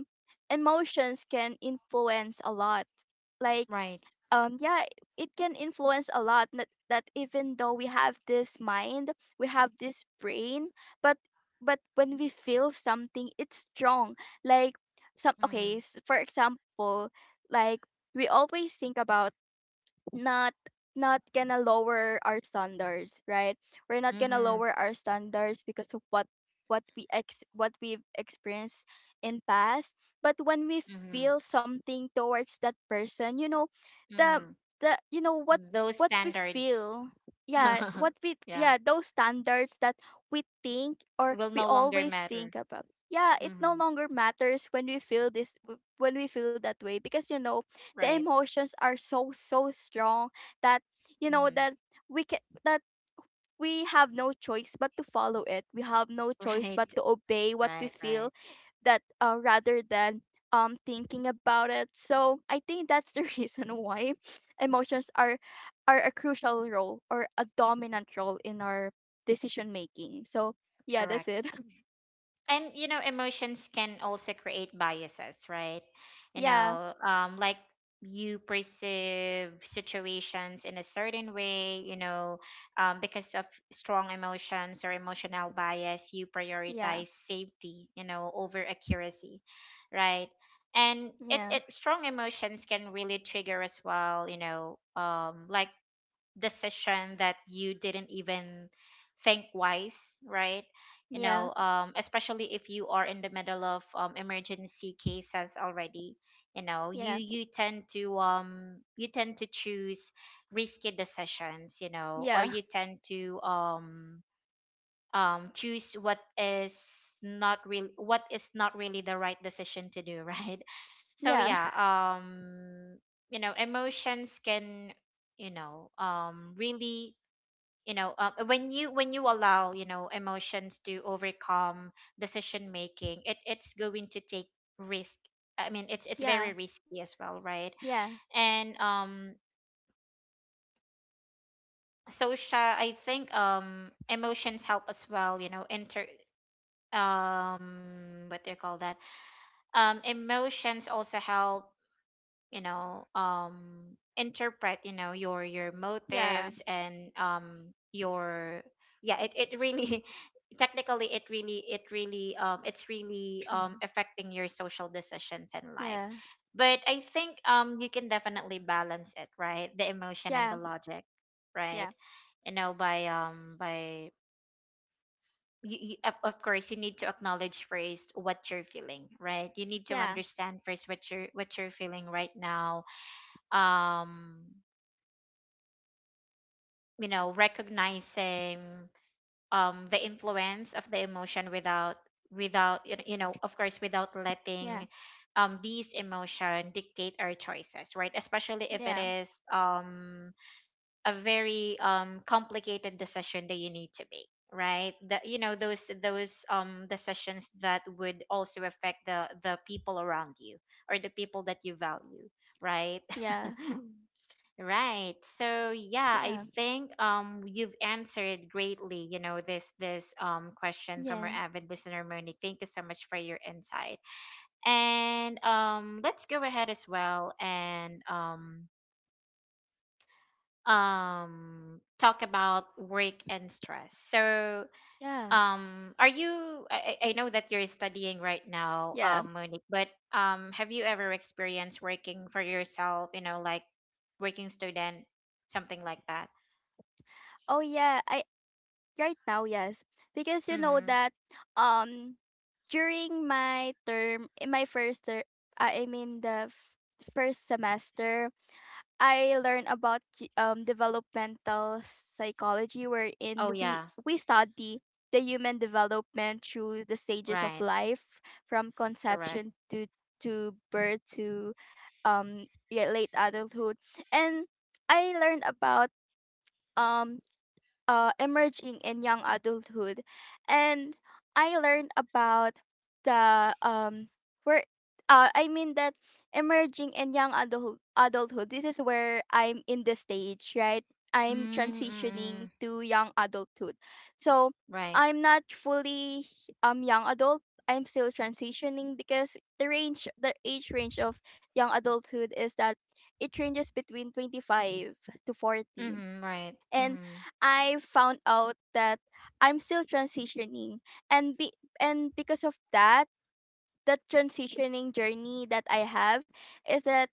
Speaker 2: emotions can influence a lot. Like,
Speaker 1: Right.
Speaker 2: yeah, it can influence a lot, that, that even though we have this mind, we have this brain, but but when we feel something, it's strong. Like some okay
Speaker 1: Mm.
Speaker 2: for example, like, we always think about not, not gonna lower our standards, right? We're not gonna
Speaker 1: Mm-hmm.
Speaker 2: lower our standards because of what we ex what we've experienced in past. But when we
Speaker 1: Mm-hmm.
Speaker 2: feel something towards that person, you know, the
Speaker 1: Mm.
Speaker 2: the you know what
Speaker 1: Those
Speaker 2: what we
Speaker 1: standards
Speaker 2: feel, yeah, what we
Speaker 1: yeah
Speaker 2: yeah, those standards that we think, or
Speaker 1: will
Speaker 2: we
Speaker 1: no longer
Speaker 2: always
Speaker 1: matter.
Speaker 2: think about, yeah, it no
Speaker 1: Mm-hmm.
Speaker 2: longer matters when we feel this, when we feel that way, because you know the
Speaker 1: Right.
Speaker 2: emotions are so so strong that you know
Speaker 1: Mm-hmm.
Speaker 2: that we can that we have no choice but to follow it. We have no choice
Speaker 1: Right.
Speaker 2: but to obey what we
Speaker 1: Right.
Speaker 2: feel,
Speaker 1: Right.
Speaker 2: that rather than thinking about it. So I think that's the reason why emotions are a crucial role, or a dominant role, in our decision making. So yeah, that's
Speaker 1: Correct.
Speaker 2: it.
Speaker 1: And you know, emotions can also create biases, right? You
Speaker 2: Yeah,
Speaker 1: know, like, you perceive situations in a certain way, you know, because of strong emotions or emotional bias, you
Speaker 2: yeah,
Speaker 1: prioritize safety, you know, over accuracy, right? And
Speaker 2: yeah,
Speaker 1: it strong emotions can really trigger as well, you know, like, decision that you didn't even think wise, right? You
Speaker 2: yeah,
Speaker 1: know, especially if you are in the middle of, emergency cases already, you know,
Speaker 2: yeah,
Speaker 1: you tend to, um, you tend to choose risky decisions, you know, or
Speaker 2: yeah,
Speaker 1: you tend to, um, choose what is not real, what is not really the right decision to do, right? So
Speaker 2: yeah,
Speaker 1: yeah, um, you know, emotions can, you know, um, really, you know, when you, when you allow, you know, emotions to overcome decision making, it's going to take risk. I mean, it's
Speaker 2: yeah,
Speaker 1: very risky as well, right?
Speaker 2: yeah,
Speaker 1: And um, social, I think, um, emotions help as well, you know, inter, um, what do you call that, um, emotions also help, you know, um, interpret, you know, your
Speaker 2: yeah.
Speaker 1: motives and, um, your, yeah, it really, technically, it really, it really, um, it's really,
Speaker 2: Hmm.
Speaker 1: um, affecting your social decisions in life.
Speaker 2: Yeah,
Speaker 1: But I think, um, you can definitely balance it, right, the emotion and
Speaker 2: yeah,
Speaker 1: the logic,
Speaker 2: yeah,
Speaker 1: right? You know, by, um, by of course you need to acknowledge first what you're feeling, right? You need to
Speaker 2: yeah,
Speaker 1: understand first what you're, what you're feeling right now. Um, you know, recognizing, um, the influence of the emotion without, you know, of course, without letting, um, these emotion dictate our choices, right, especially if it
Speaker 2: yeah,
Speaker 1: is, um, a very, um, complicated decision that you need to make, right, that, you know, those, um, decisions that would also affect the people around you, or the people that you value, right?
Speaker 2: yeah, yeah,
Speaker 1: Right. So yeah, I
Speaker 2: yeah,
Speaker 1: think, um, you've answered greatly, you know, this question from our
Speaker 2: yeah,
Speaker 1: avid listener Monique. Thank you so much for your insight. And um, let's go ahead as well and um, talk about work and stress. So
Speaker 2: yeah,
Speaker 1: um, are you, I know that you're studying right now,
Speaker 2: yeah.
Speaker 1: um, Monique, but um, have you ever experienced working for yourself, you know, like, working student, something like that?
Speaker 2: Oh yeah, I, right now, yes, because you know
Speaker 1: Mm-hmm.
Speaker 2: that um during my term, in my first term, I mean first semester, I learned about developmental psychology,
Speaker 1: Oh
Speaker 2: wherein
Speaker 1: yeah.
Speaker 2: we study the human development through the stages of
Speaker 1: Right.
Speaker 2: life, from
Speaker 1: Correct.
Speaker 2: conception to birth to yeah, late adulthood, and I learned about um emerging in young adulthood, and I learned about the where I mean that emerging in adulthood. This is where I'm in the stage, right? I'm transitioning
Speaker 1: Mm-mm.
Speaker 2: to young adulthood. So
Speaker 1: Right.
Speaker 2: I'm not fully young adult, I'm still transitioning, because the range, the age range of young adulthood is that it ranges between 25 to 40.
Speaker 1: Mm-hmm. Right.
Speaker 2: And
Speaker 1: Mm-hmm.
Speaker 2: I found out that I'm still transitioning. and be and because of that, the transitioning journey that I have is that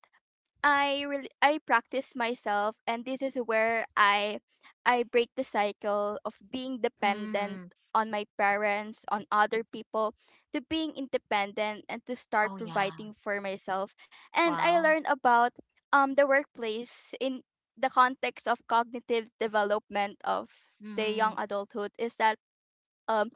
Speaker 2: I really I practice myself, and this is where I break the cycle of being dependent
Speaker 1: Mm-hmm.
Speaker 2: on my parents, on other people, to being independent and to start
Speaker 1: Oh yeah.
Speaker 2: providing for myself. And I
Speaker 1: Wow.
Speaker 2: learned about the workplace in the context of cognitive development of the young
Speaker 1: Mm-hmm.
Speaker 2: adulthood is that um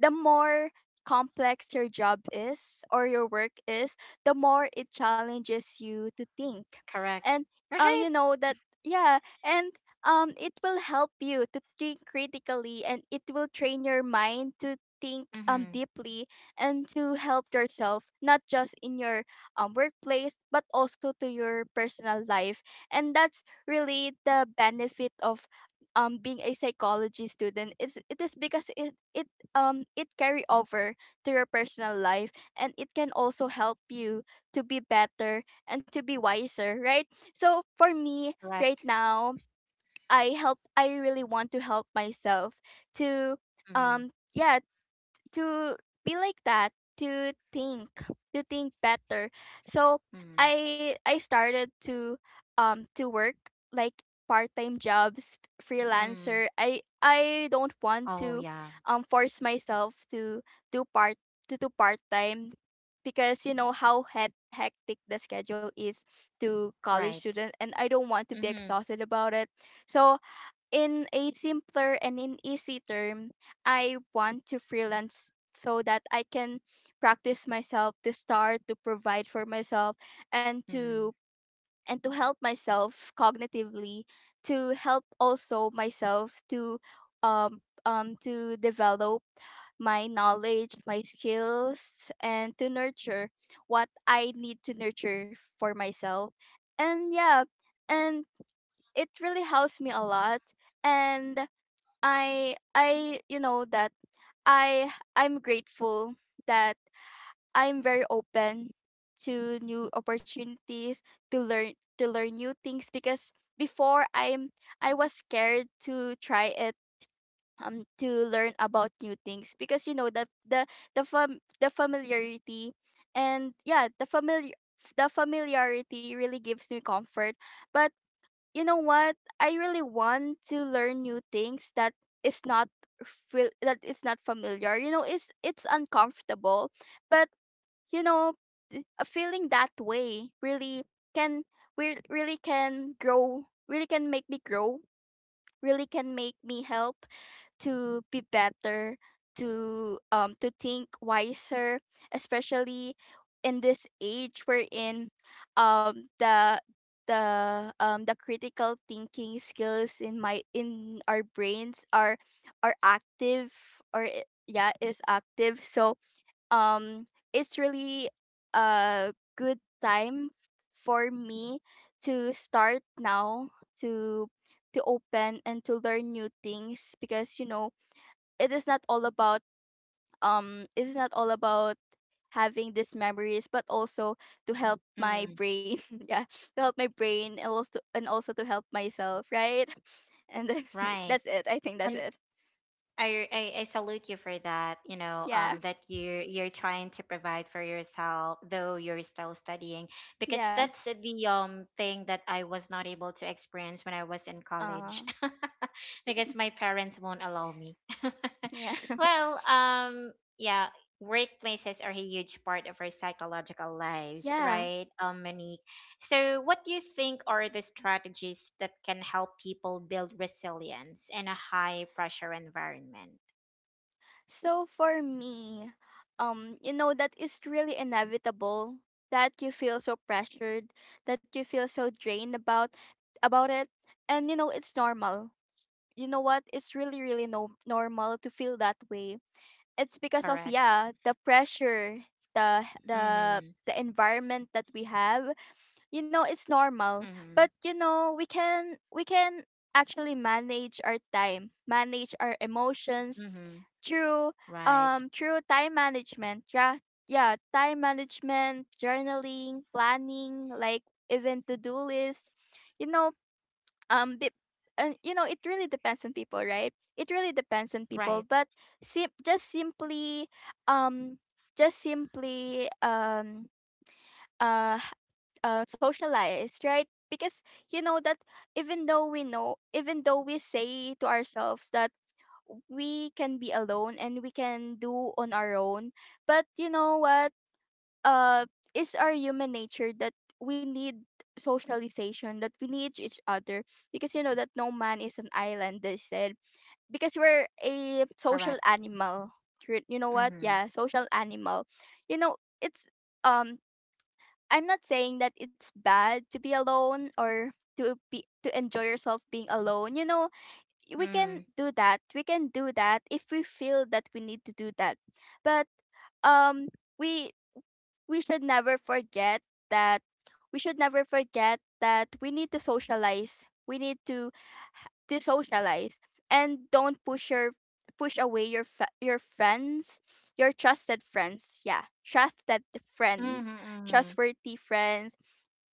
Speaker 2: the more complex your job is or your work is, the more it challenges you to think.
Speaker 1: Correct.
Speaker 2: And
Speaker 1: Right.
Speaker 2: you know that, yeah, and it will help you to think critically and it will train your mind to think
Speaker 1: Mm-hmm.
Speaker 2: deeply and to help yourself not just in your workplace but also to your personal life. And that's really the benefit of being a psychology student, is it is because it it carry over to your personal life, and it can also help you to be better and to be wiser, right? So for me right
Speaker 1: Correct.
Speaker 2: now, I really want to help myself to
Speaker 1: Mm-hmm.
Speaker 2: yeah, to be like that, to think, to think better. So
Speaker 1: Mm-hmm.
Speaker 2: I started to work like part-time jobs,
Speaker 1: Mm.
Speaker 2: freelancer. I don't want
Speaker 1: Oh
Speaker 2: to
Speaker 1: yeah.
Speaker 2: force myself do part to do part-time, because you know how hectic the schedule is to college
Speaker 1: Right.
Speaker 2: student, and I don't want to be
Speaker 1: Mm-hmm.
Speaker 2: exhausted about it. So in a simpler and in easy term, I want to freelance so that I can practice myself to start to provide for myself, and
Speaker 1: Mm-hmm.
Speaker 2: to help myself cognitively, to help also myself to develop my knowledge, my skills, and to nurture what I need to nurture for myself. And yeah, and it really helps me a lot. And I that I I'm grateful that I'm very open to new opportunities, to learn new things, because before, I was scared to try it, to learn about new things, because you know the familiarity. And yeah, the familiarity really gives me comfort. But you know what, I really want to learn new things, that is not, feel that is not familiar. You know, it's uncomfortable, but, you know feeling that way, really can we really can grow, really can make me grow, really can make me help to be better, to think wiser, especially in this age we're in. Um, the the critical thinking skills, in our brains, are active, or yeah, is active. So, um, it's really a good time for me to start now, to to open and to learn new things, because you know it is not all about, it is not all about having these memories, but also to help my
Speaker 1: Mm-hmm.
Speaker 2: brain yeah, to help my brain, and also to help myself, right? And
Speaker 1: Right.
Speaker 2: that's it. I think that's
Speaker 1: And
Speaker 2: it.
Speaker 1: I salute you for that. You know,
Speaker 2: Yeah,
Speaker 1: that you're trying to provide for yourself, though you're still studying, because
Speaker 2: yeah,
Speaker 1: that's the, um, thing that I was not able to experience when I was in
Speaker 2: uh
Speaker 1: college, because my parents won't allow me.
Speaker 2: yeah.
Speaker 1: Well, yeah, workplaces are a huge part of our psychological lives,
Speaker 2: Yeah.
Speaker 1: right, Monique? So, what do you think are the strategies that can help people build resilience in a high pressure environment?
Speaker 2: So for me, you know that is really inevitable, that you feel so pressured, that you feel so drained about it. And you know, it's normal. You know what? It's really, really normal to feel that way. It's because of,
Speaker 1: Correct.
Speaker 2: yeah, the pressure,
Speaker 1: Mhm.
Speaker 2: the environment that we have. You know, it's
Speaker 1: Mhm.
Speaker 2: normal. But you know, we can actually manage our time, manage our
Speaker 1: Mhm.
Speaker 2: emotions, through
Speaker 1: Right.
Speaker 2: time management. Yeah, yeah, time management, journaling, planning, like even to do list. You know, be, and you know it really depends on people, right? It really depends on
Speaker 1: Right.
Speaker 2: people, but just simply um just simply um uh socialize, right? Because you know that, even though we say to ourselves that we can be alone and we can do on our own, but you know what, uh is our human nature, that we need socialization, that we need each other, because you know that no man is an island, they said, because we're a social
Speaker 1: Correct.
Speaker 2: animal. You know what,
Speaker 1: Mhm.
Speaker 2: yeah, social animal. You know, it's, um I'm not saying that it's bad to be alone, or to enjoy yourself being alone. You know, we can
Speaker 1: Mhm.
Speaker 2: do that, if we feel that we need to do that. But, um we we should never forget, that we should never forget that we need to socialize. We need to socialize, and don't push away your friends, your trusted friends. Yeah, trusted friends,
Speaker 1: Mhm. Mhm.
Speaker 2: trustworthy friends,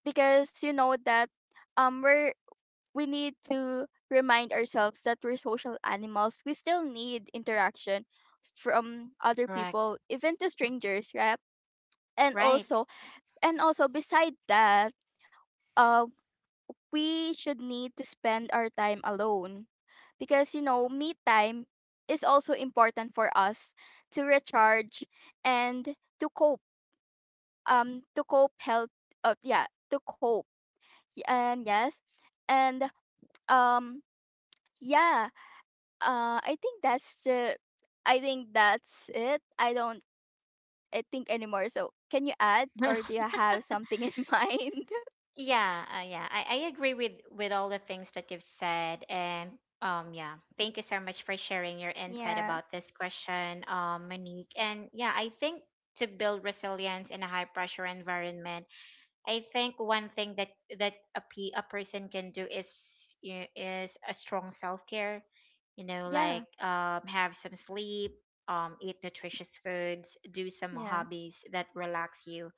Speaker 2: because you know that, um we're we need to remind ourselves that we're social animals. We still need interaction from other
Speaker 1: Correct.
Speaker 2: people, even to strangers, right? And
Speaker 1: Right.
Speaker 2: also, beside that, uh, we should need to spend our time alone, because, you know, me time is also important for us to recharge and to cope health, yeah, to cope. And yes, and, um, yeah, uh, I think that's, uh, I think that's it. I don't, I think anymore. So, can you add, or do you have something in mind?
Speaker 1: Yeah, yeah. I agree with all the things that you've said, and um, yeah, thank you so much for sharing your insight
Speaker 2: Yeah,
Speaker 1: about this question, um, Monique. And yeah, I think, to build resilience in a high pressure environment, I think one thing that a a person can do is, you know, is a strong self care. You know,
Speaker 2: yeah,
Speaker 1: like, have some sleep, eat nutritious foods, do some
Speaker 2: yeah,
Speaker 1: hobbies that relax you,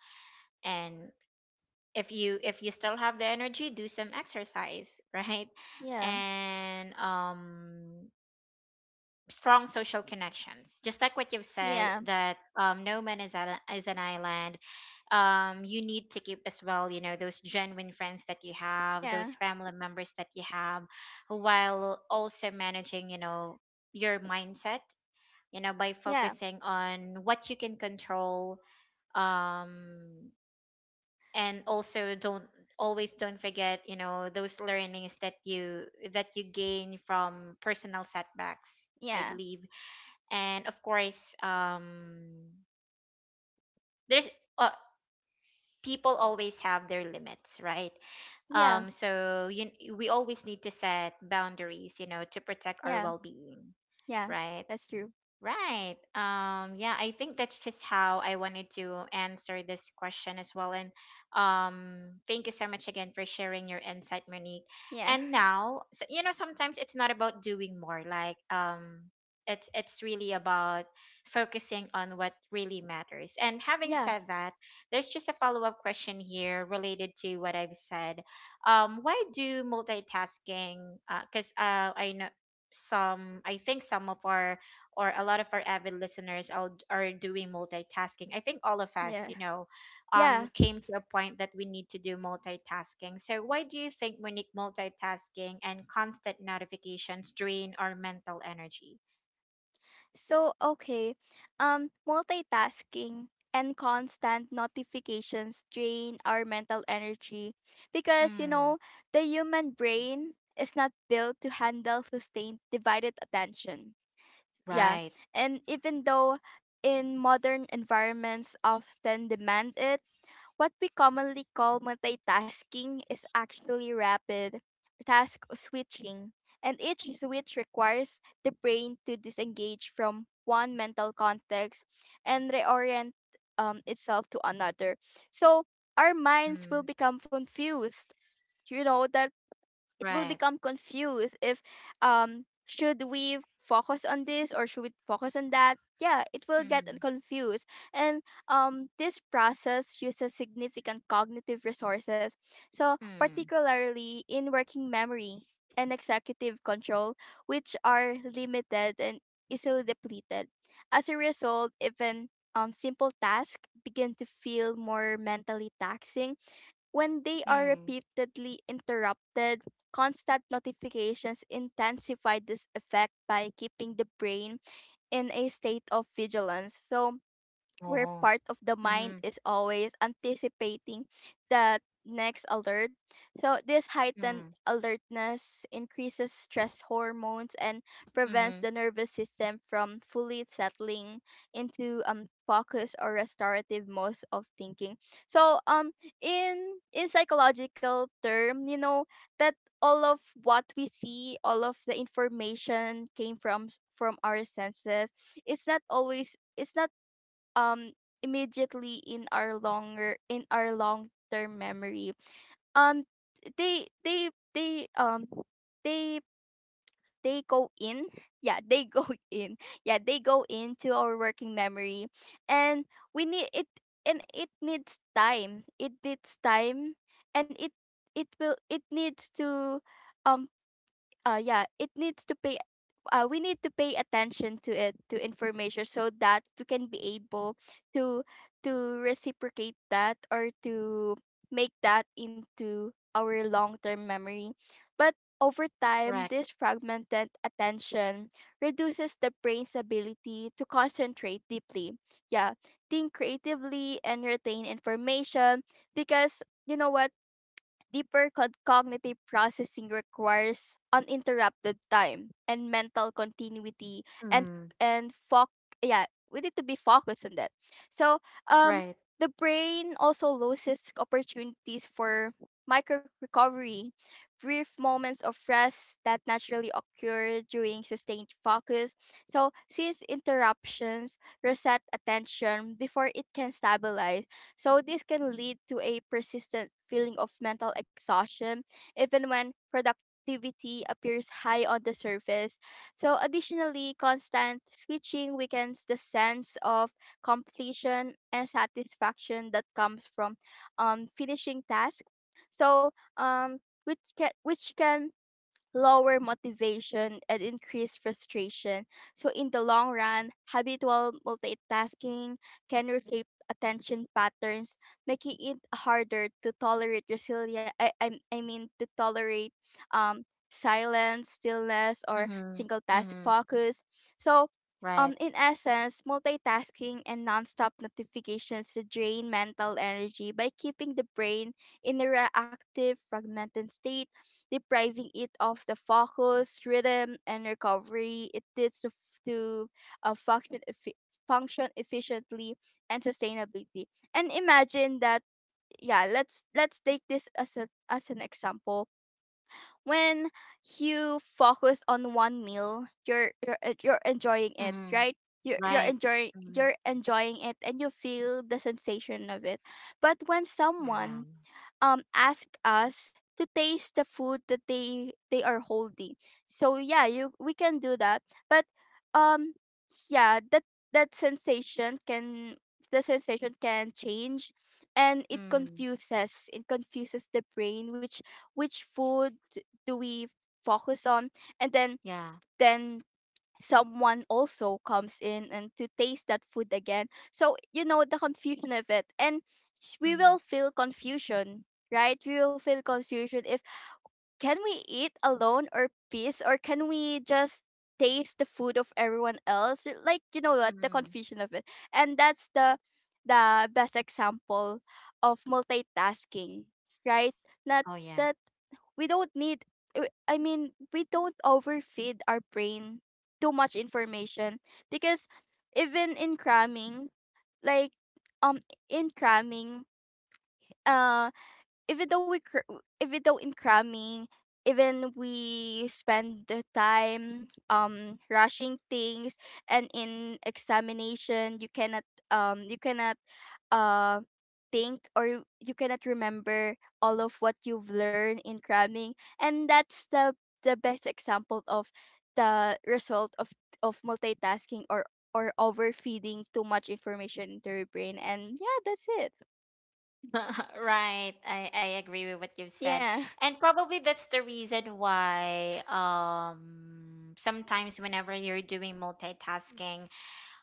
Speaker 1: and if you, still have the energy, do some exercise, right?
Speaker 2: yeah.
Speaker 1: And strong social connections, just like what you've said,
Speaker 2: Yeah,
Speaker 1: that no man is an, island, um, you need to keep as well, you know, those genuine friends that you have,
Speaker 2: yeah,
Speaker 1: those family members that you have, while also managing, you know, your mindset, you know, by
Speaker 2: yeah,
Speaker 1: focusing on what you can control, um, and also don't, always don't forget, you know, those learnings that you, gain from personal setbacks, I
Speaker 2: yeah,
Speaker 1: believe. And of course, um, there's, uh, people always have their limits, right?
Speaker 2: yeah,
Speaker 1: So you, we always need to set boundaries, you know, to protect our
Speaker 2: yeah,
Speaker 1: well-being,
Speaker 2: yeah.
Speaker 1: right?
Speaker 2: That's true.
Speaker 1: Right. Yeah, I think that's just how I wanted to answer this question as well. And thank you so much again for sharing your insight, Monique.
Speaker 2: Yeah,
Speaker 1: And now, so, you know, sometimes it's not about doing more. Like, it's really about focusing on what really matters. And having
Speaker 2: yeah,
Speaker 1: said that, there's just a follow up question here related to what I've said. Why do multitasking? Because I know some, I think some of our, or a lot of our avid listeners are doing multitasking. I think all of us,
Speaker 2: yeah,
Speaker 1: you know,
Speaker 2: yeah.
Speaker 1: came to a point that we need to do multitasking. So, why do you think, Monique, multitasking and constant notifications drain our mental energy?
Speaker 2: So okay, multitasking and constant notifications drain our mental energy, because
Speaker 1: Mm.
Speaker 2: the human brain is not built to handle sustained divided attention. Yeah,
Speaker 1: Right.
Speaker 2: and even though in modern environments often demand it, what we commonly call multitasking is actually rapid task switching, and each switch requires the brain to disengage from one mental context and reorient, itself to another. So our minds
Speaker 1: Mm.
Speaker 2: will become confused, that it
Speaker 1: Right.
Speaker 2: will become confused if, should we focus on this or should we focus on that, yeah, it will get
Speaker 1: Mm.
Speaker 2: confused. And this process uses significant cognitive resources, so
Speaker 1: Mm.
Speaker 2: particularly in working memory and executive control, which are limited and easily depleted. As a result, even simple tasks begin to feel more mentally taxing when they are
Speaker 1: Mm.
Speaker 2: repeatedly interrupted. Constant notifications intensify this effect by keeping the brain in a state of vigilance, so, where
Speaker 1: Oh.
Speaker 2: part of the mind
Speaker 1: Mm.
Speaker 2: is always anticipating that next alert. So this heightened
Speaker 1: Mm.
Speaker 2: alertness increases stress hormones and prevents
Speaker 1: Mm-hmm.
Speaker 2: the nervous system from fully settling into focus or restorative modes of thinking. So, in psychological term, you know that all of what we see, all of the information came from our senses. It's not always, it's not um immediately in our, longer in our long term memory. Um they they they, they they go in. Yeah, they go in. Yeah, they go into our working memory, and we need it, and it needs time, it needs time, and it will, it needs to, um yeah, it needs to pay, we need to pay attention to it, to information, so that we can be able to to reciprocate that, or to make that into our long-term memory. But over time,
Speaker 1: Correct.
Speaker 2: this fragmented attention reduces the brain's ability to concentrate deeply, yeah, think creatively, and retain information, because you know what, deeper cognitive processing requires uninterrupted time and mental continuity,
Speaker 1: Mm.
Speaker 2: yeah, we need to be focused on that. So, um
Speaker 1: Right.
Speaker 2: the brain also loses opportunities for micro recovery, brief moments of rest that naturally occur during sustained focus. So, since interruptions reset attention before it can stabilize, so this can lead to a persistent feeling of mental exhaustion, even when productivity appears high on the surface. So, additionally, constant switching weakens the sense of completion and satisfaction that comes from, finishing tasks. So, um, which can lower motivation, and increased frustration. So, in the long run, habitual multitasking can reshape attention patterns, making it harder to tolerate resilience. I mean, to tolerate, um, silence, stillness, or
Speaker 1: Mm-hmm.
Speaker 2: single task
Speaker 1: Mm-hmm.
Speaker 2: focus. So,
Speaker 1: Right.
Speaker 2: in essence, multitasking and nonstop notifications drain mental energy by keeping the brain in a reactive, fragmented state, depriving it of the focus, rhythm, and recovery it needs to uh, function, effi- function efficiently and sustainability. And imagine that, yeah, let's take this as as an example. When you focus on one meal, you're enjoying it,
Speaker 1: Mm-hmm.
Speaker 2: right? You're
Speaker 1: Right.
Speaker 2: enjoying,
Speaker 1: Mm.
Speaker 2: it, and you feel the sensation of it. But when
Speaker 1: Yeah.
Speaker 2: someone ask us to taste the food that they are holding. So yeah, you we can do that, but um yeah, that sensation can, the sensation can change, and it confuses the brain. Which food do we focus on? And then
Speaker 1: Yeah.
Speaker 2: then someone also comes in and to taste that food again. So you know, the confusion of it, and we will
Speaker 1: Mm-hmm.
Speaker 2: feel confusion, right? We will feel confusion. If can we eat alone or peace, or can we just taste the food of everyone else? Like, you know what, the
Speaker 1: Mm-hmm.
Speaker 2: confusion of it. And that's the best example of multitasking, right? Not
Speaker 1: Oh, yeah.
Speaker 2: that we don't need, I mean, we don't overfeed our brain too much information, because even in cramming, like, um in cramming, uh, even though we even though in cramming, even we spend the time rushing things, and in examination you cannot, you cannot, uh think, or you cannot remember all of what you've learned in cramming. And that's the best example of the result of multitasking, or overfeeding too much information into your brain. And yeah, that's it.
Speaker 1: Right. I agree with what you've said.
Speaker 2: Yeah.
Speaker 1: And probably that's the reason why sometimes whenever you're doing multitasking,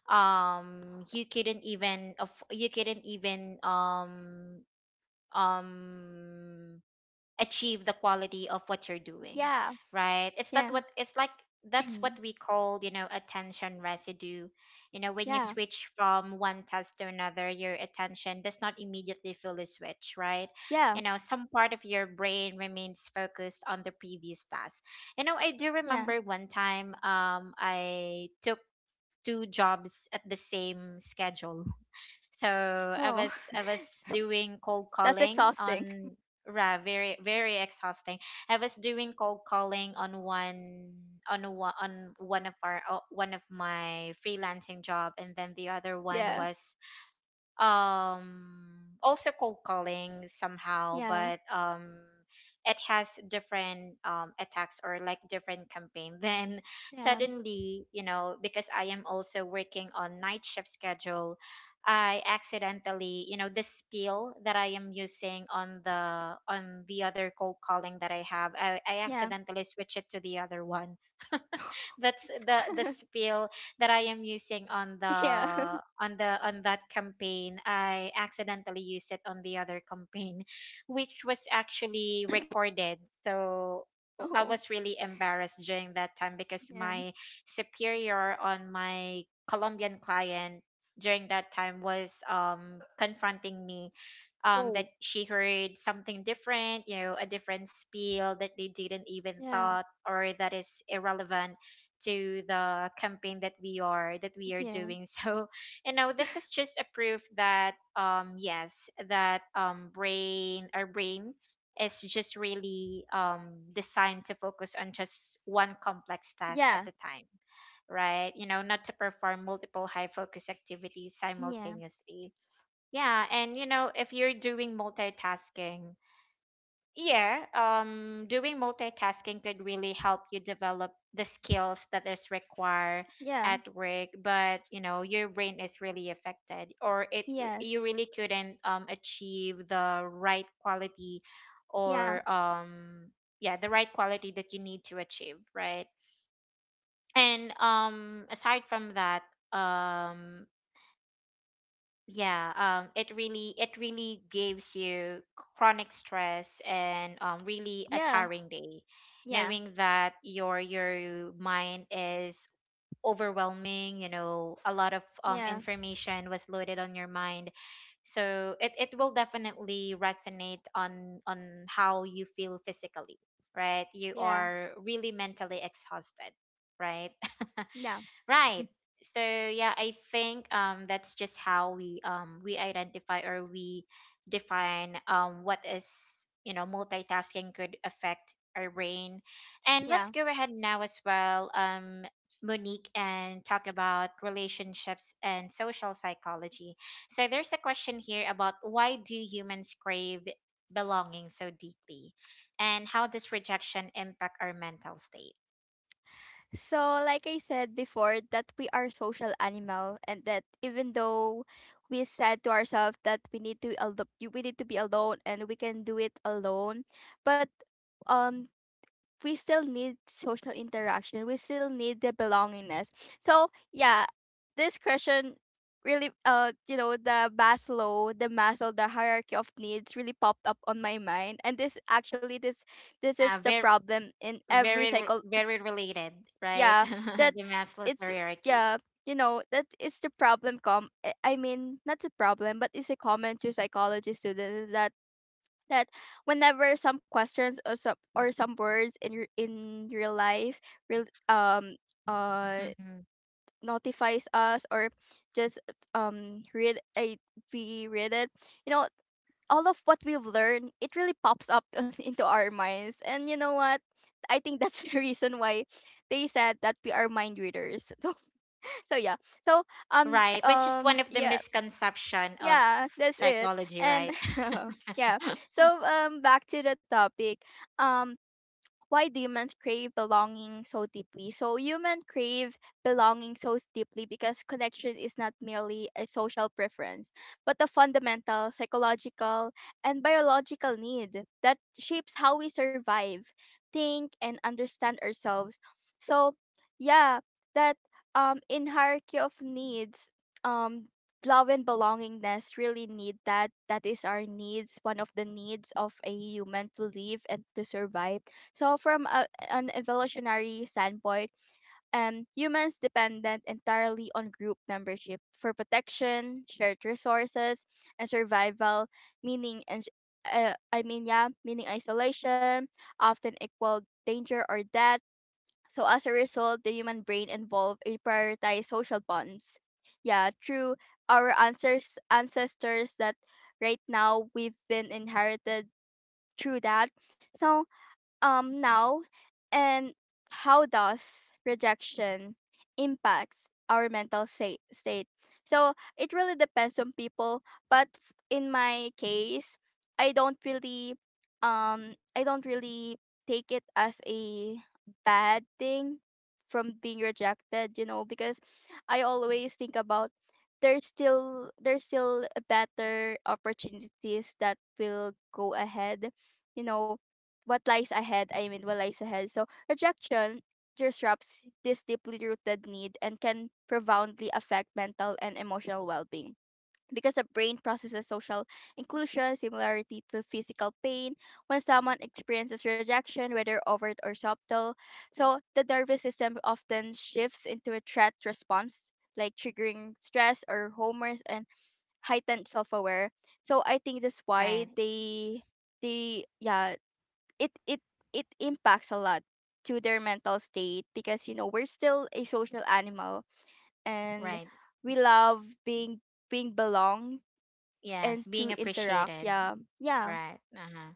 Speaker 1: you couldn't even um achieve the quality of what you're doing,
Speaker 2: Yeah.
Speaker 1: right? It's
Speaker 2: Yeah.
Speaker 1: that what it's like, that's what
Speaker 2: Mhm.
Speaker 1: we call, attention residue. You know, when you
Speaker 2: Yeah.
Speaker 1: switch from one task to another, your attention does not immediately feel the switch, right?
Speaker 2: Yeah.
Speaker 1: You know, some part of your brain remains focused on the previous task. You know, I do
Speaker 2: Yeah.
Speaker 1: remember one time, I took two jobs at the same schedule. So I
Speaker 2: Oh,
Speaker 1: was I was doing cold
Speaker 2: that's
Speaker 1: calling
Speaker 2: exhausting.
Speaker 1: on ra- very, very exhausting. I was doing cold calling on one on one of our one of my freelancing job, and then the other one
Speaker 2: Yeah.
Speaker 1: was um also cold calling somehow,
Speaker 2: Yeah.
Speaker 1: but it has different attacks, or like different campaign, then
Speaker 2: Yeah.
Speaker 1: suddenly, you know, because I am also working on night shift schedule, I accidentally, you know, the spiel that I am using on the other cold calling that I have, I
Speaker 2: Yeah.
Speaker 1: accidentally switch it to the other one. That's the spiel that I am using on the
Speaker 2: Yeah.
Speaker 1: on the on that campaign. I accidentally used it on the other campaign, which was actually recorded. So w- I
Speaker 2: Oh,
Speaker 1: was really embarrassed during that time because
Speaker 2: yeah.
Speaker 1: my superior, on my Colombian client during that time, was confronting me, that
Speaker 2: Whoa.
Speaker 1: she heard something different, you know, a different spiel that they didn't even
Speaker 2: Yeah.
Speaker 1: thought, or that is irrelevant to the campaign that we are
Speaker 2: Yeah.
Speaker 1: doing. So you know, this is just a proof that yes, that brain, our brain is just really designed to focus on just one complex task at
Speaker 2: Yeah.
Speaker 1: a time, right? You know, not to perform multiple high focus activities
Speaker 2: Yeah.
Speaker 1: simultaneously. Yeah. And you know, if you're doing multitasking, yeah, doing multitasking could really help you develop the skills that is required
Speaker 2: Yeah.
Speaker 1: at work, but you know, your brain is really affected, or it,
Speaker 2: Yes.
Speaker 1: you really couldn't achieve the right quality,
Speaker 2: Yeah.
Speaker 1: or yeah, the right quality that you need to achieve, right? And aside from that, um yeah, it really, it really gives you chronic stress and really a
Speaker 2: Yeah.
Speaker 1: tiring day,
Speaker 2: Yeah.
Speaker 1: knowing that your mind is overwhelming. You know, a lot of
Speaker 2: Yeah.
Speaker 1: information was loaded on your mind, so it will definitely resonate on how you feel physically, right? You
Speaker 2: Yeah.
Speaker 1: are really mentally exhausted, right?
Speaker 2: Yeah. Yeah.
Speaker 1: Right. So yeah, I think that's just how we identify, or we define what is, you know, multitasking could affect our brain. And let's
Speaker 2: Yeah.
Speaker 1: go ahead now as well, Monique, and talk about relationships and social psychology. So there's a question here about, why do humans crave belonging so deeply, and how does rejection impact our mental state?
Speaker 2: So, like I said before, that we are social animal, and that even though we said to ourselves that we need to be alone and we can do it alone, but um we still need social interaction. We still need the belongingness. So yeah, this question really, you know, the Maslow, the hierarchy of needs really popped up on my mind. And this actually this this is
Speaker 1: Yeah,
Speaker 2: the
Speaker 1: very,
Speaker 2: problem in every cycle.
Speaker 1: very related, right?
Speaker 2: Yeah, that,
Speaker 1: The Maslow's
Speaker 2: it's,
Speaker 1: hierarchy.
Speaker 2: yeah, you know, that is the problem, com I mean, not the problem, but it's a comment to psychology students, that that whenever some questions or some, or some words in real life, real,
Speaker 1: Hmm.
Speaker 2: uh notifies us, or just, read a we read it, you know, all of what we've learned, it really pops up into our minds. And you know what, I think that's the reason why they said that we are mind readers. So, so yeah. So,
Speaker 1: Right, which is one of the
Speaker 2: yeah.
Speaker 1: misconception of
Speaker 2: Yeah, that's it.
Speaker 1: psychology,
Speaker 2: And
Speaker 1: right?
Speaker 2: yeah. So back to the topic. um why do humans crave belonging so deeply? So humans crave belonging so deeply because connection is not merely a social preference, but a fundamental psychological and biological need that shapes how we survive, think, and understand ourselves. So yeah, that, in hierarchy of needs, um love and belongingness really need, that that is our needs, one of the needs of a human to live and to survive. So, from a, an evolutionary standpoint, humans dependent entirely on group membership for protection, shared resources, and survival, meaning and, yeah, meaning isolation often equal danger or death. So as a result, the human brain involved a prioritize social bonds. Yeah, through our ancestors that right now we've been inherited through that. So, now, and how does rejection impacts our mental state? So it really depends on people, but in my case, I don't really, I don't really take it as a bad thing from being rejected, you know, because I always think about, there's still better opportunities that will go ahead, you know, what lies ahead. I mean, what lies ahead. So rejection disrupts this deeply rooted need and can profoundly affect mental and emotional well being. Because the brain processes social inclusion, similarity to physical pain, when someone experiences rejection, whether overt or subtle. So the nervous system often shifts into a threat response, like triggering stress or hormones and heightened self aware. So I think that's why
Speaker 1: Right.
Speaker 2: they, yeah, it it impacts a lot to their mental state, because you know we're still a social animal, and
Speaker 1: Right.
Speaker 2: we love being, being belonged,
Speaker 1: Yes,
Speaker 2: and to
Speaker 1: being
Speaker 2: interact.
Speaker 1: appreciated.
Speaker 2: Yeah. Yeah.
Speaker 1: Right. Uh-huh.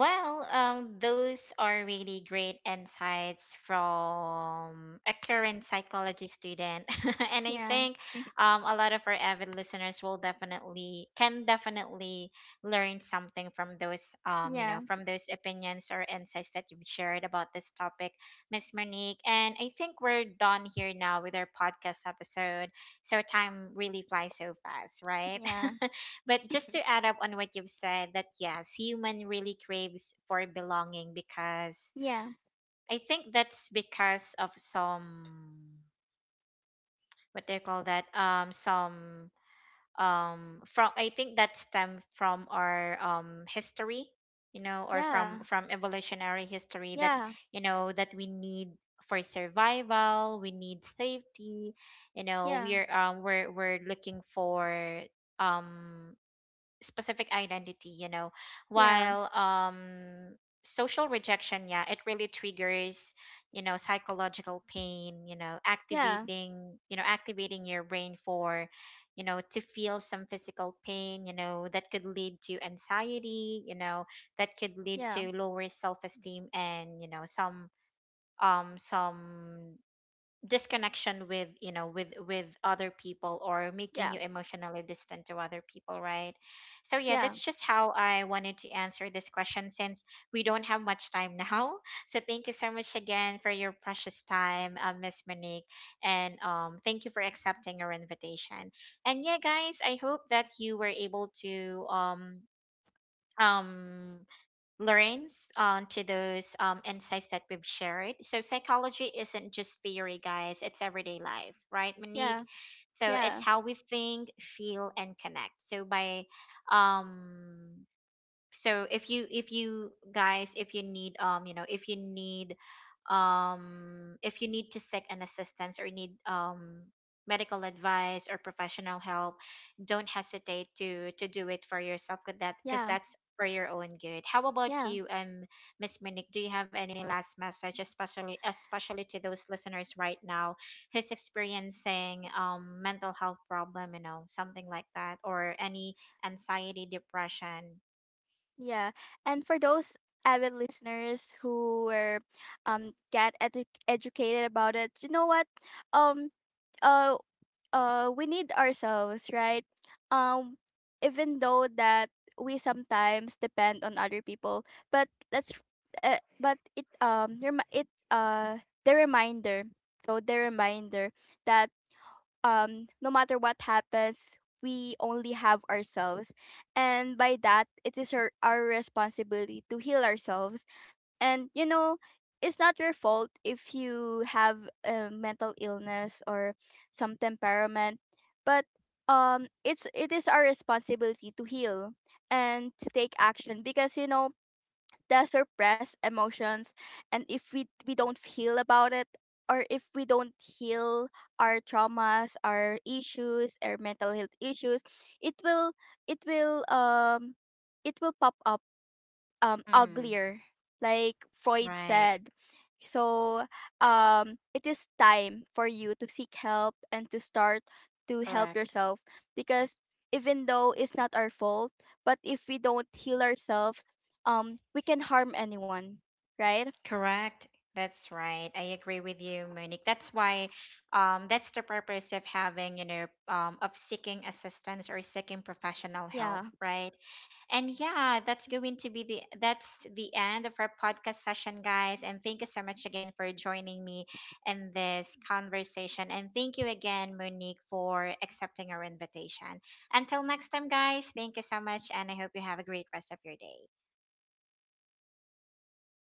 Speaker 1: Well, those are really great insights from a current psychology student, and I think a lot of our avid listeners will definitely, can definitely learn something from those you know,
Speaker 2: Yeah.
Speaker 1: from those opinions or insights that you've shared about this topic, Miss Monique. And I think we're done here now with our podcast episode. So time really flies so fast, right?
Speaker 2: Yeah.
Speaker 1: But just to add up on what you've said, that yes, human really craves for belonging because,
Speaker 2: Yeah.
Speaker 1: I think that's because of some, what do you call that? Some, from, I think that stem from our history, you know, or
Speaker 2: Yeah.
Speaker 1: from evolutionary history, that
Speaker 2: Yeah.
Speaker 1: you know, that we need, for survival, we need safety, you know,
Speaker 2: Yeah.
Speaker 1: we're we're looking for um specific identity, you know, while social rejection, yeah, it really triggers, you know, psychological pain, you know,
Speaker 2: Yeah.
Speaker 1: activating your brain for, you know, to feel some physical pain, you know, that could lead to anxiety, you know, that could lead
Speaker 2: Yeah. Yeah.
Speaker 1: to lower self-esteem, and you know, some disconnection with, you know, with other people, or making you
Speaker 2: Yeah.
Speaker 1: emotionally distant to other people, right? So yeah, that's
Speaker 2: Yeah.
Speaker 1: just how I wanted to answer this question, since we don't have much time now. So thank you so much again for your precious time, Miss Monique, and thank you for accepting our invitation. And yeah, guys, I hope that you were able to um learns to those insights that we've shared. So psychology isn't just theory, guys. It's everyday life, right,
Speaker 2: Yeah.
Speaker 1: Monique?
Speaker 2: Yeah.
Speaker 1: So it's
Speaker 2: Yeah.
Speaker 1: how we think, feel, and connect. So by um, so if you guys if you need you know, if you need to seek an assistance, or need medical advice or professional help, don't hesitate to do it for yourself, because that, because
Speaker 2: Yeah.
Speaker 1: that's for your own good. How about
Speaker 2: Yeah.
Speaker 1: you, Miss Monique, do you have any last message, especially, especially to those listeners right now who's experiencing mental health problem, you know, something like that, or any anxiety, depression?
Speaker 2: Yeah, and for those avid listeners who were, get educated about it, you know what? Um uh we need ourselves, right? Um Even though that we sometimes depend on other people, but that's, but it, it, uh, the reminder, so the reminder that, no matter what happens, we only have ourselves. And by that, it is our responsibility to heal ourselves. And you know, it's not your fault if you have a mental illness or some temperament, but it's, it is our responsibility to heal and to take action. Because you know, the suppressed emotions, and if we don't heal about it, or if we don't heal our traumas, our issues, our mental health issues, it will, it will, it will pop up,
Speaker 1: Mm,
Speaker 2: uglier, like Freud
Speaker 1: right.
Speaker 2: said. So, it is time for you to seek help and to start to help
Speaker 1: Correct.
Speaker 2: yourself. Because even though it's not our fault, but if we don't heal ourselves, we can harm anyone, right?
Speaker 1: Correct. That's right. I agree with you, Monique. That's why, that's the purpose of having, you know, of seeking assistance or seeking professional help,
Speaker 2: Yeah.
Speaker 1: right? And yeah, that's going to be the, that's the end of our podcast session, guys. And thank you so much again for joining me in this conversation. And thank you again, Monique, for accepting our invitation. Until next time, guys. Thank you so much, and I hope you have a great rest of your day.